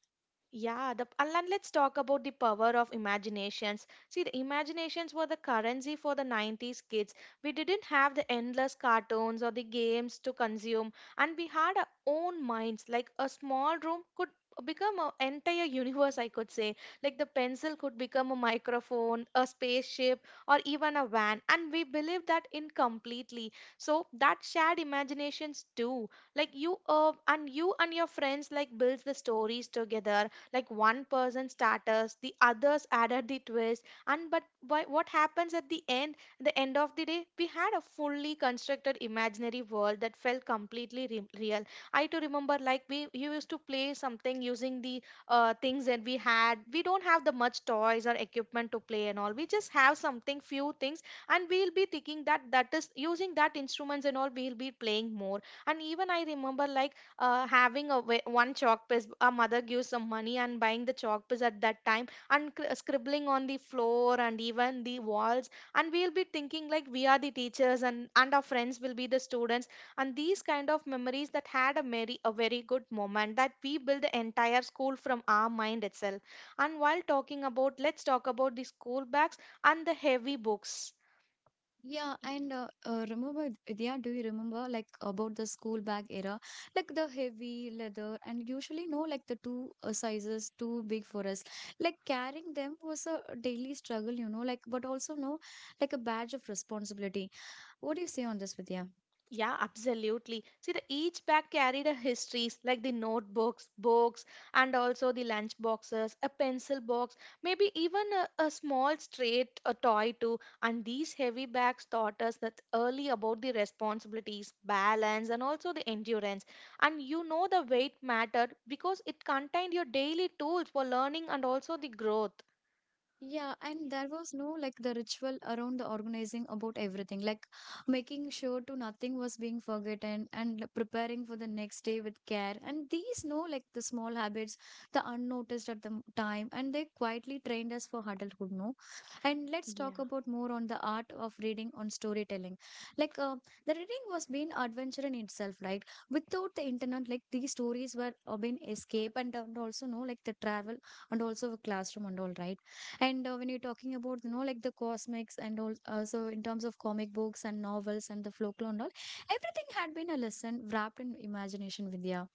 Speaker 2: Yeah, the, and then let's talk about the power of imaginations. See, the imaginations were the currency for the nineties kids. We didn't have the endless cartoons or the games to consume, and we had our own minds. Like a small room could become an entire universe, I could say. Like the pencil could become a microphone, a spaceship, or even a van, and we believed that in completely. So that shared imaginations too. Like you uh, and you and your friends like builds the stories together like one person starters the others added the twist and but why, what happens at the end the end of the day we had a fully constructed imaginary world that felt completely re- real. I too remember like we you used to play something using the uh, things that we had. We don't have the much toys or equipment to play and all, we just have something few things and we'll be thinking that that is using that instruments and all we'll be playing more. And even I remember like uh, having a wa- one chalk piece, a mother gives some money and buying the chalk piece at that time and cr- scribbling on the floor and even the walls, and we'll be thinking like we are the teachers and and our friends will be the students. And these kind of memories that had a very a very good moment that we build the entire school from our mind itself. And while talking about, let's talk about the school bags and the heavy books.
Speaker 1: Yeah, and uh, uh, Remember, Vidya, do you remember like about the school bag era? Like the heavy leather, and usually, no, like the two uh, sizes too big for us. Like carrying them was a daily struggle, you know, like, but also, no, like a badge of responsibility. What do you say on this, Vidya?
Speaker 2: Yeah, absolutely. See, the each bag carried a histories like the notebooks, books, and also the lunch boxes, a pencil box, maybe even a, a small straight a toy too. And these heavy bags taught us that early about the responsibilities, balance, and also the endurance. And you know the weight mattered because it contained your daily tools for learning and also the growth.
Speaker 1: Yeah, and there was no like the ritual around the organizing about everything, like making sure to nothing was being forgotten and like preparing for the next day with care. And these no like the small habits, the unnoticed at the m- time, and they quietly trained us for adulthood, no? And let's talk about more on the art of reading on storytelling. Like uh, the reading was being adventure in itself, right? Without the internet, like these stories were uh, being escape and, and also no like the travel and also a classroom and all, right? And uh, when you're talking about, you know, like the cosmics and all, uh, so in terms of comic books and novels and the folklore and all, everything had been a lesson wrapped in imagination, Vidya.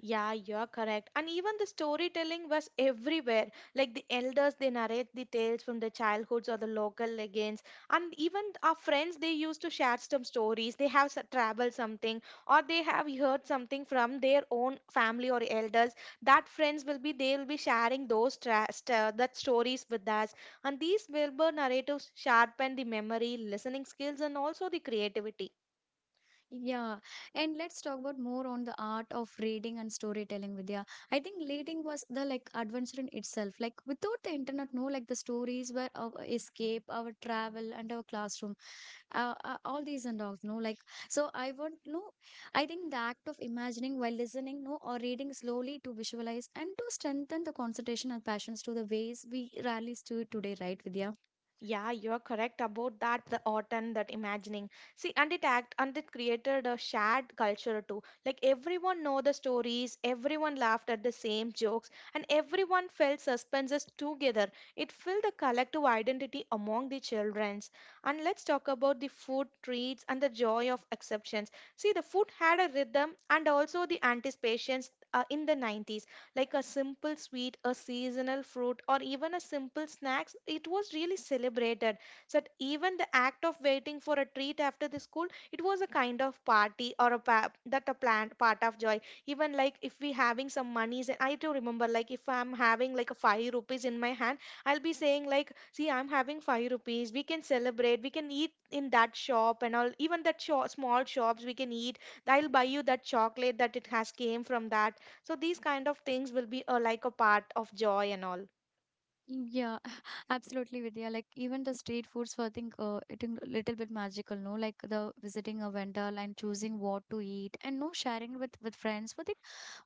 Speaker 2: Yeah, you're correct. And even the storytelling was everywhere. Like the elders, they narrate the tales from their childhoods or the local legends. And even our friends, they used to share some stories. They have s- traveled something or they have heard something from their own family or elders. That friends will be, they will be sharing those tra- st- uh, that stories with us. And these Wilbur narratives sharpen the memory, listening skills, and also the creativity.
Speaker 1: Yeah. And let's talk about more on the art of reading and storytelling, Vidya. I think reading was the like adventure in itself. Like without the internet, no, like the stories were our escape, our travel, and our classroom uh, uh, all these and dogs no like so I want no I think the act of imagining while listening no or reading slowly to visualize and to strengthen the concentration and passions to the ways we rarely do it today right vidya.
Speaker 2: Yeah, you're correct about that. The art and that imagining. See, and it act and it created a shared culture too. Like everyone know the stories, everyone laughed at the same jokes, and everyone felt suspenses together. It filled the collective identity among the childrens. And let's talk about the food treats and the joy of exceptions. See, the food had a rhythm and also the anticipations uh, in the nineties like a simple sweet, a seasonal fruit, or even a simple snacks, it was really celebrated. So that even the act of waiting for a treat after the school, it was a kind of party or a pa- that a planned part of joy. Even like if we having some monies, and I do remember like if I'm having like a five rupees in my hand, I'll be saying like, see, I'm having five rupees. We can celebrate. We can eat in that shop and all. Even that sho small shops we can eat. I'll buy you that chocolate that it has came from that, so these kind of things will be uh, like a part of joy and all.
Speaker 1: Yeah, absolutely, Vidya. Like even the street foods, for I think uh, it a little bit magical, no? Like the visiting a vendor and choosing what to eat, and no sharing with with friends. But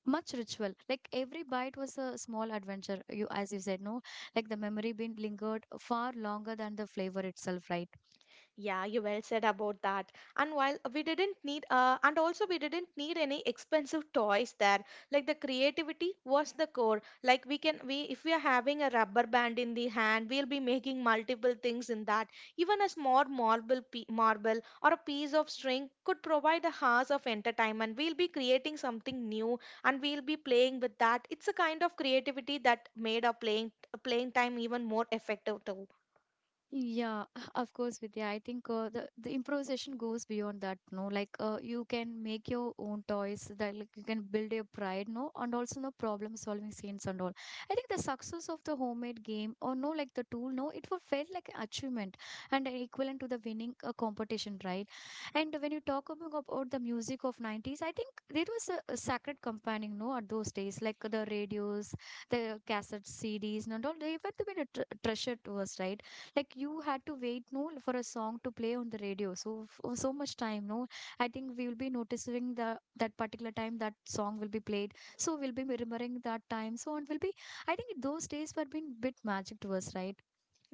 Speaker 1: much ritual, like every bite was a small adventure, you as you said no, like the memory being lingered far longer than the flavor itself, right?
Speaker 2: Yeah, you well said about that. And while we didn't need, uh, and also we didn't need any expensive toys there. Like the creativity was the core. Like we can, we if we are having a rubber band in the hand, we'll be making multiple things in that. Even a small marble, pe- marble or a piece of string could provide a house of entertainment. We'll be creating something new, and we'll be playing with that. It's a kind of creativity that made our playing playing time even more effective too.
Speaker 1: Yeah, of course, Vidya. I think uh, the the improvisation goes beyond that. No, like uh, you can make your own toys. That like you can build your pride. No, and also no problem solving scenes and all. I think the success of the homemade game or no, like the tool. No, it wa- felt like an achievement and uh, equivalent to the winning a competition, right? And when you talk about, about the music of nineties, I think it was a, a sacred companion. No, at those days, like the radios, the cassette C Ds, and all. They were the treasure to us, right? Like you had to wait, no, for a song to play on the radio so for so much time, no, I think we will be noticing the that particular time that song will be played, so we'll be remembering that time so it will be, I think those days were been bit magic to us right.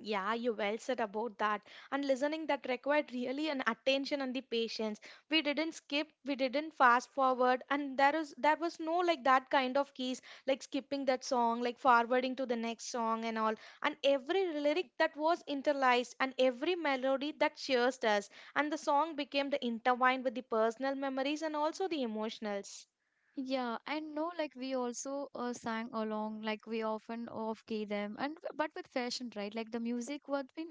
Speaker 2: Yeah, you well said about that. And listening that required really an attention and the patience. We didn't skip, we didn't fast forward, and there is there was no like that kind of keys, like skipping that song, like forwarding to the next song and all. And every lyric that was interlaced and every melody that cheers us. And the song became the intertwined with the personal memories and also the emotionals.
Speaker 1: Yeah, and no like we also uh, sang along, like we often off key them, and but with fashion, right? Like the music was been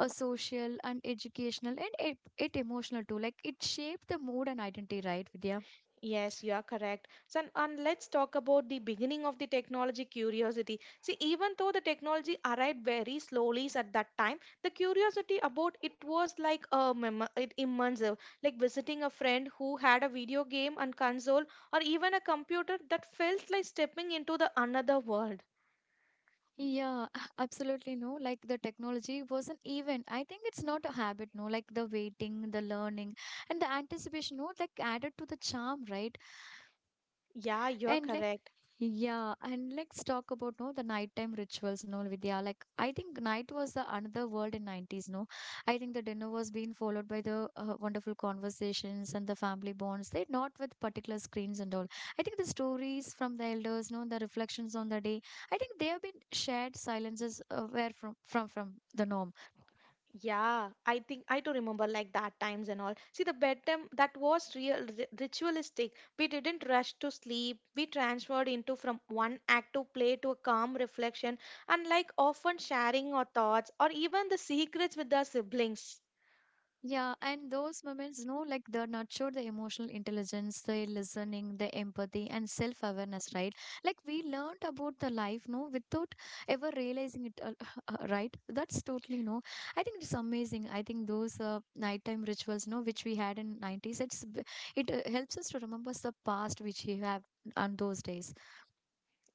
Speaker 1: a social and educational, and it, it emotional too, like it shaped the mood and identity, right Vidya?
Speaker 2: Yes, you are correct. So, and and let's talk about the beginning of the technology curiosity. See, even though the technology arrived very slowly at that time, the curiosity about it was like a mem- it immersive, like visiting a friend who had a video game and console, or even a computer that felt like stepping into the another world.
Speaker 1: Yeah, absolutely no. Like the technology was an event. I think it's not a habit, no. Like the waiting, the learning, and the anticipation, no. Like added to the charm, right?
Speaker 2: Yeah, you're
Speaker 1: And let
Speaker 2: correct.
Speaker 1: Yeah, and let's talk about no the nighttime rituals, no Vidya. Like I think night was the another world in nineties, no. I think the dinner was being followed by the uh, wonderful conversations and the family bonds. They not with particular screens and all. I think the stories from the elders, no, the reflections on the day. I think they have been shared silences uh, where from from from the norm.
Speaker 2: Yeah, I think I do remember like that times and all. See, the bedtime that was real ri- ritualistic. We didn't rush to sleep. We transferred into from one active play to a calm reflection and like often sharing our thoughts or even the secrets with our siblings.
Speaker 1: Yeah, and those moments, no, like they nurture the emotional intelligence, the listening, the empathy, and self awareness, right? Like we learned about the life, no, without ever realizing it, uh, uh, right? That's totally no. I think it's amazing. I think those uh, nighttime rituals, no, which we had in nineties, it's b- it uh, helps us to remember the past which we have on those days.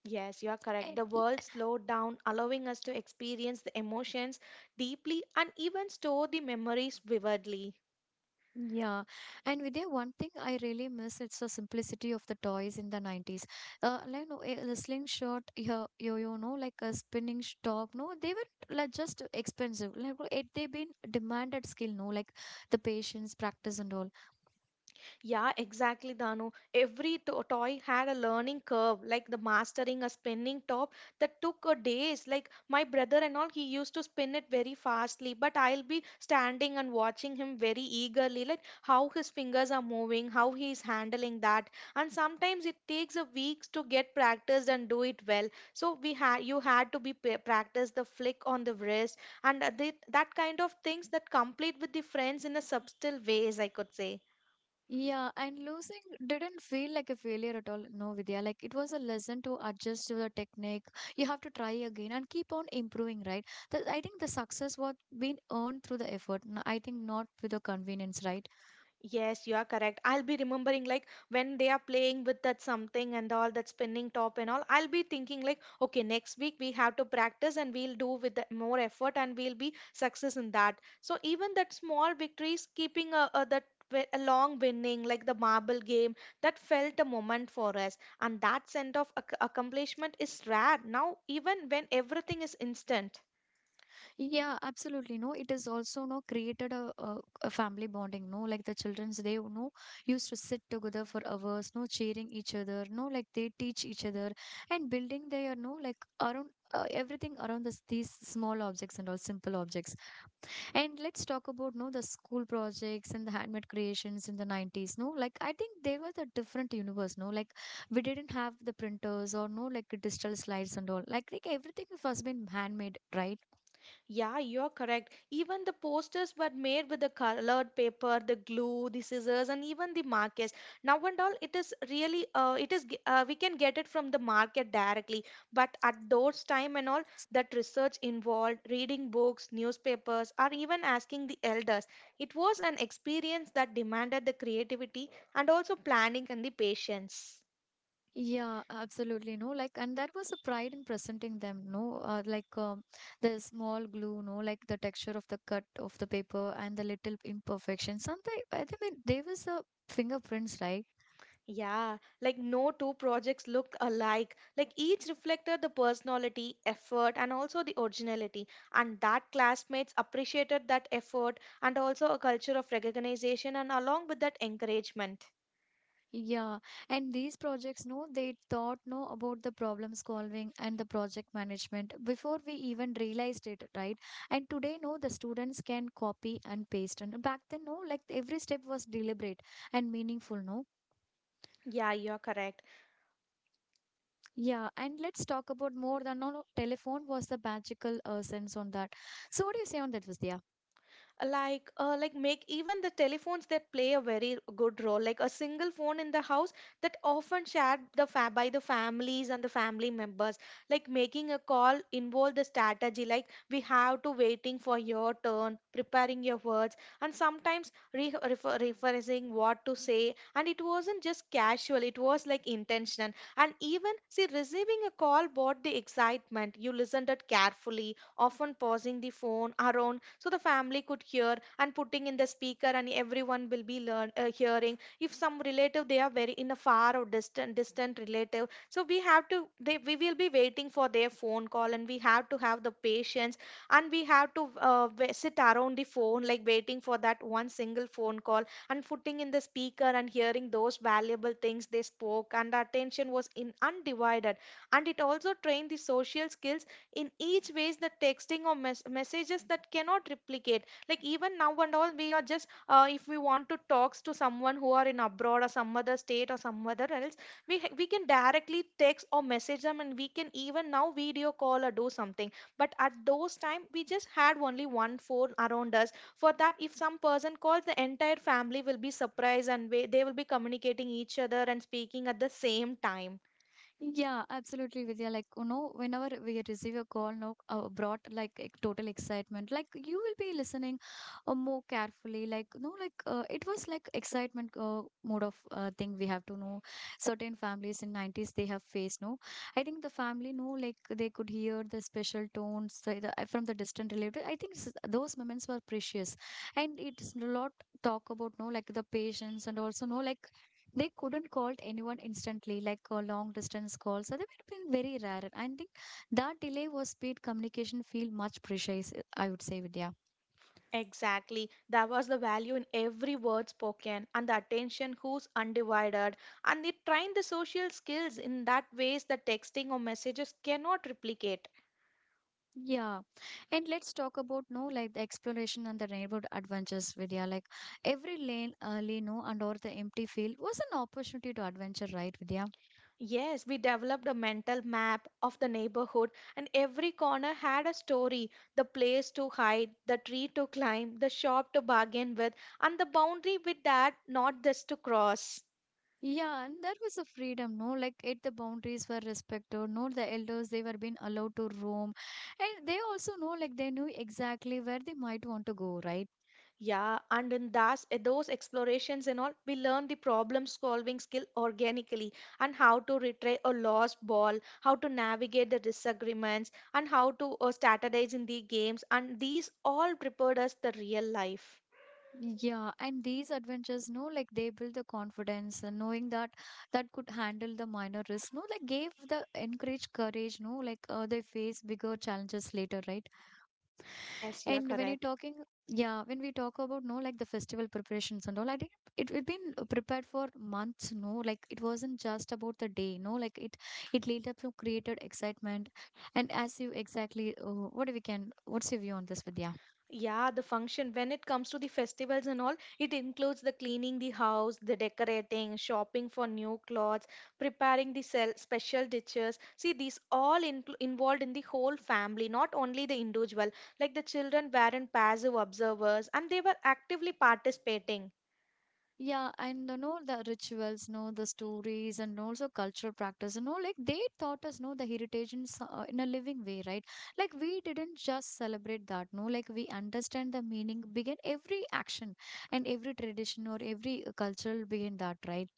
Speaker 2: Yes, you are correct. The
Speaker 1: Eh,
Speaker 2: world slowed down, allowing us to experience the emotions deeply and even store the memories vividly.
Speaker 1: yeah, and Vidya, one thing I really miss it's the simplicity of the toys in the nineties. Uh, like no, eh, the slingshot, yo, yo, yo, no, like a spinning sh- top, no, they were like just expensive. Like no, it they been demanded skill, no, like the patience, practice, and all.
Speaker 2: Yeah, exactly, Danu. Every to- toy had a learning curve, like the mastering a spinning top that took a days. Like my brother and all, he used to spin it very fastly, but I'll be standing and watching him very eagerly, like how his fingers are moving, how he is handling that. And sometimes it takes a weeks to get practiced and do it well. So we had you had to be pa- practice the flick on the wrist and uh, the, that kind of things that complete with the friends in a subtle ways, I could say.
Speaker 1: Yeah, and losing didn't feel like a failure at all, no, Vidya. Like it was a lesson to adjust to the technique. You have to try again and keep on improving, right? The, I think the success was being earned through the effort. n- I think not with the convenience, right?
Speaker 2: Yes, you are correct. I'll be remembering like when they are playing with that something and all that spinning top and all. I'll be thinking like, okay, next week we have to practice and we'll do with the more effort and we'll be success in that. So even that small victories, keeping a, a that wi- a long winning like the marble game that felt a moment for us, and that sense of ac- accomplishment is rare now even when everything is instant.
Speaker 1: Yeah, absolutely. No, it is also no created a, a, a family bonding. No, like the childrens, they you know used to sit together for hours. No, cheering each other. No, like they teach each other and building their no like around uh, everything around this these small objects and all simple objects. And let's talk about no the school projects and the handmade creations in the nineties. No, like I think there was a different universe. No, like we didn't have the printers or no like digital slides and all. Like, like everything was been handmade, right?
Speaker 2: Yeah, you're correct. Even the posters were made with the colored paper, the glue, the scissors, and even the markers. Now and all, it is really, uh, it is, g- uh, we can get it from the market directly. But at those time and all, that research involved reading books, newspapers, or even asking the elders. It was an experience that demanded the creativity and also planning and the patience.
Speaker 1: Yeah, absolutely. No, like, and that was a pride in presenting them. No, uh, like um, the small glue, no, like the texture of the cut of the paper and the little imperfection. Something, I think there was a fingerprints, right?
Speaker 2: Yeah, like no two projects look alike. Like each reflected the personality, effort, and also the originality. And that classmates appreciated that effort and also a culture of recognition and along with that encouragement.
Speaker 1: Yeah, and these projects, no, they thought no about the problem solving and the project management before we even realized it, right? And today, no, the students can copy and paste, and back then, no, like every step was deliberate and meaningful, no.
Speaker 2: Yeah, you're correct.
Speaker 1: Yeah, and let's talk about more than no, no, telephone was the magical uh, sense on that. So, what do you say on that, Vidya?
Speaker 2: Like uh, like make even the telephones that play a very good role, like a single phone in the house that often shared the fa- by the families and the family members. Like making a call involve the strategy, like we have to waiting for your turn, preparing your words, and sometimes re- refer- referencing what to say, and it wasn't just casual, it was like intentional. And even see, receiving a call brought the excitement, you listened it carefully, often pausing the phone around so the family could hear, and putting in the speaker, and everyone will be learn, uh, hearing if some relative they are very in a far or distant distant relative, so we have to, they we will be waiting for their phone call, and we have to have the patience. And we have to uh, wa- sit around the phone like waiting for that one single phone call, and putting in the speaker and hearing those valuable things they spoke, and the attention was in undivided. And it also trained the social skills in each ways the texting or mes- messages that cannot replicate. Like even now and all, we are just uh, if we want to talks to someone who are in abroad or some other state or some other else, we ha- we can directly text or message them, and we can even now video call or do something. But at those time, we just had only one phone around us. For that, if some person calls, the entire family will be surprised, and we, they will be communicating each other and speaking at the same time.
Speaker 1: Yeah, absolutely, Vidya. Like, you know, whenever we receive a call, no, uh, brought like ex- total excitement. Like, you will be listening uh, more carefully. Like, no, like uh, it was like excitement uh, mode of uh, thing. We have to know certain families in nineties they have faced. No, I think the family no, like they could hear the special tones the, the, uh, from the distant relative. I think s- those moments were precious, and it's a lot talk about no, like the patience and also no, like they couldn't call anyone instantly like uh, long distance calls, so they were being very rare. I think that delay was speed communication feel much precious, uh, I would say, Vidya.
Speaker 2: Exactly. There was the value in every word spoken and the attention who's undivided. And they trained the social skills in that ways that texting or messages cannot replicate.
Speaker 1: Yeah, and let's talk about no, like the exploration and the neighborhood adventures, Vidya. Like every lane early no, and or the empty field was an opportunity to adventure, right, Vidya?
Speaker 2: Yes, we developed a mental map of the neighborhood, and every corner had a story. The place to hide, the tree to climb, the shop to bargain with, and the boundary with that not just to cross.
Speaker 1: Yeah, and that was a freedom, no? Like, it the boundaries were respected, no? The elders, they were being allowed to roam. And they also know, like, they knew exactly where they might want to go, right?
Speaker 2: Yeah, and in that's, those explorations and all, we learn the problem solving skill organically, and how to retrieve a lost ball, how to navigate the disagreements, and how to uh, strategize in the games. And these all prepared us the real life.
Speaker 1: Yeah, and these adventures, no, like they build the confidence, and knowing that that could handle the minor risk, no, like gave the encourage courage, no, like uh, they face bigger challenges later, right?
Speaker 2: Yes, yeah,
Speaker 1: And when you're
Speaker 2: correct.
Speaker 1: talking, yeah, when we talk about no, like the festival preparations and all, I didn't, it had been prepared for months, no, like it wasn't just about the day, no, like it it led up to created excitement, and as you exactly, uh, what do we can, what's your view on this, Vidya?
Speaker 2: Yeah, the function, when it comes to the festivals and all, it includes the cleaning the house, the decorating, shopping for new clothes, preparing the sel- special dishes. See, these all inclu- involved in the whole family, not only the individual. Like the children weren't passive observers, and they were actively participating.
Speaker 1: Yeah, and you know the rituals, know the stories, and also cultural practice, you know, like they taught us, know the heritage in, so- uh, in a living way, right? Like we didn't just celebrate that, no, like we understand the meaning behind every action and every tradition or every uh, cultural behind that, right?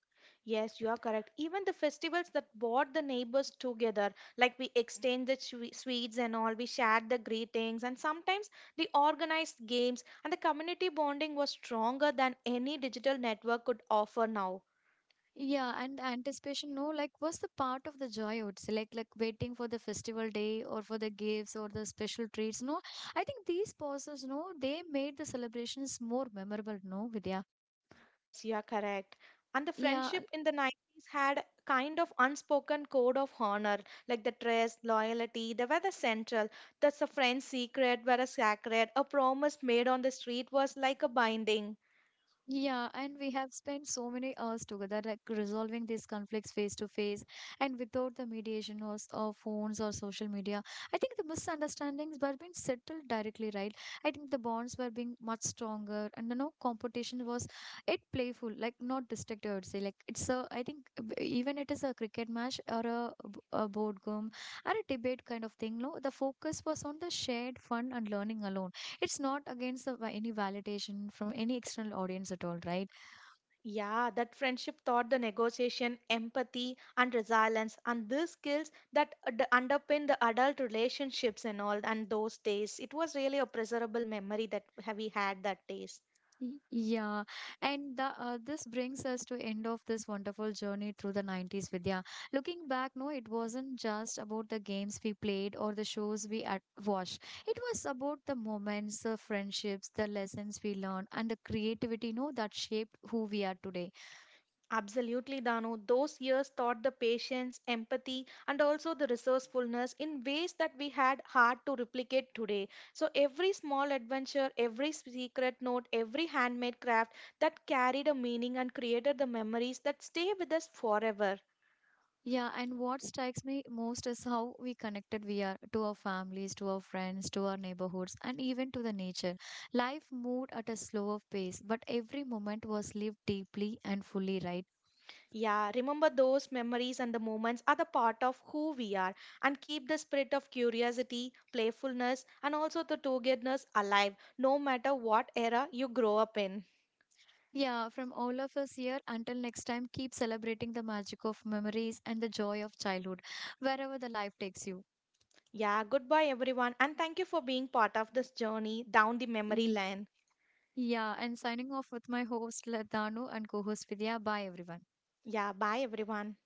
Speaker 2: Yes, you are correct. Even the festivals that brought the neighbors together, like we exchanged the swe- sweets and all, we shared the greetings, and sometimes they organized games, and the community bonding was stronger than any digital network could offer now.
Speaker 1: Yeah, and the anticipation, no, like was the part of the joy, I would say, like like waiting for the festival day or for the gifts or the special treats, no. I think these pauses, no, they made the celebrations more memorable, no, Vidya.
Speaker 2: Yes, you are correct. And the
Speaker 1: Yeah.
Speaker 2: friendship in the nineties had kind of unspoken code of honor, like the trust, loyalty, they were the central. That's a friend's secret were a sacred. A promise made on the street was like a binding.
Speaker 1: Yeah, and we have spent so many hours together, like resolving these conflicts face to face and without the mediation of, of phones or social media. I think the misunderstandings were being settled directly, right? I think the bonds were being much stronger, and you know, competition was it playful, like not destructive. I would say, like it's a. I think uh, b- even it is a cricket match or a, b- a board game or a debate kind of thing. No, the focus was on the shared fun and learning alone, it's not against the, va- any validation from any external audience at all, right?
Speaker 2: Yeah, that friendship taught the negotiation, empathy, and resilience, and these skills that ad- underpin the adult relationships and all, and those days. It was really a pleasurable memory that ha- we had that days.
Speaker 1: Y- yeah, and the, uh, this brings us to end of this wonderful journey through the nineties, Vidya. Looking back no, it wasn't just about the games we played or the shows we at- watched. It was about the moments, the friendships, the lessons we learned, and the creativity no, that shaped who we are today.
Speaker 2: Absolutely, Danu. Those years taught the patience, empathy, and also the resourcefulness in ways that we had hard to replicate today. So, every small adventure, every secret note, every handmade craft that carried a meaning and created the memories that stay with us forever.
Speaker 1: Yeah, and what strikes me most is how we connected we are to our families, to our friends, to our neighborhoods, and even to the nature. Life moved at a slower pace, but every moment was lived deeply and fully, right?
Speaker 2: Yeah, remember those memories and the moments are the part of who we are, and keep the spirit of curiosity, playfulness, and also the togetherness alive, no matter what era you grow up in.
Speaker 1: Yeah, from all of us here until next time, keep celebrating the magic of memories and the joy of childhood, wherever the life takes you.
Speaker 2: Yeah, goodbye everyone, and thank you for being part of this journey down the memory
Speaker 1: Ye-
Speaker 2: lane.
Speaker 1: Yeah, and signing off with my host Ladanu and co host Vidya. Bye, everyone.
Speaker 2: Yeah, bye everyone.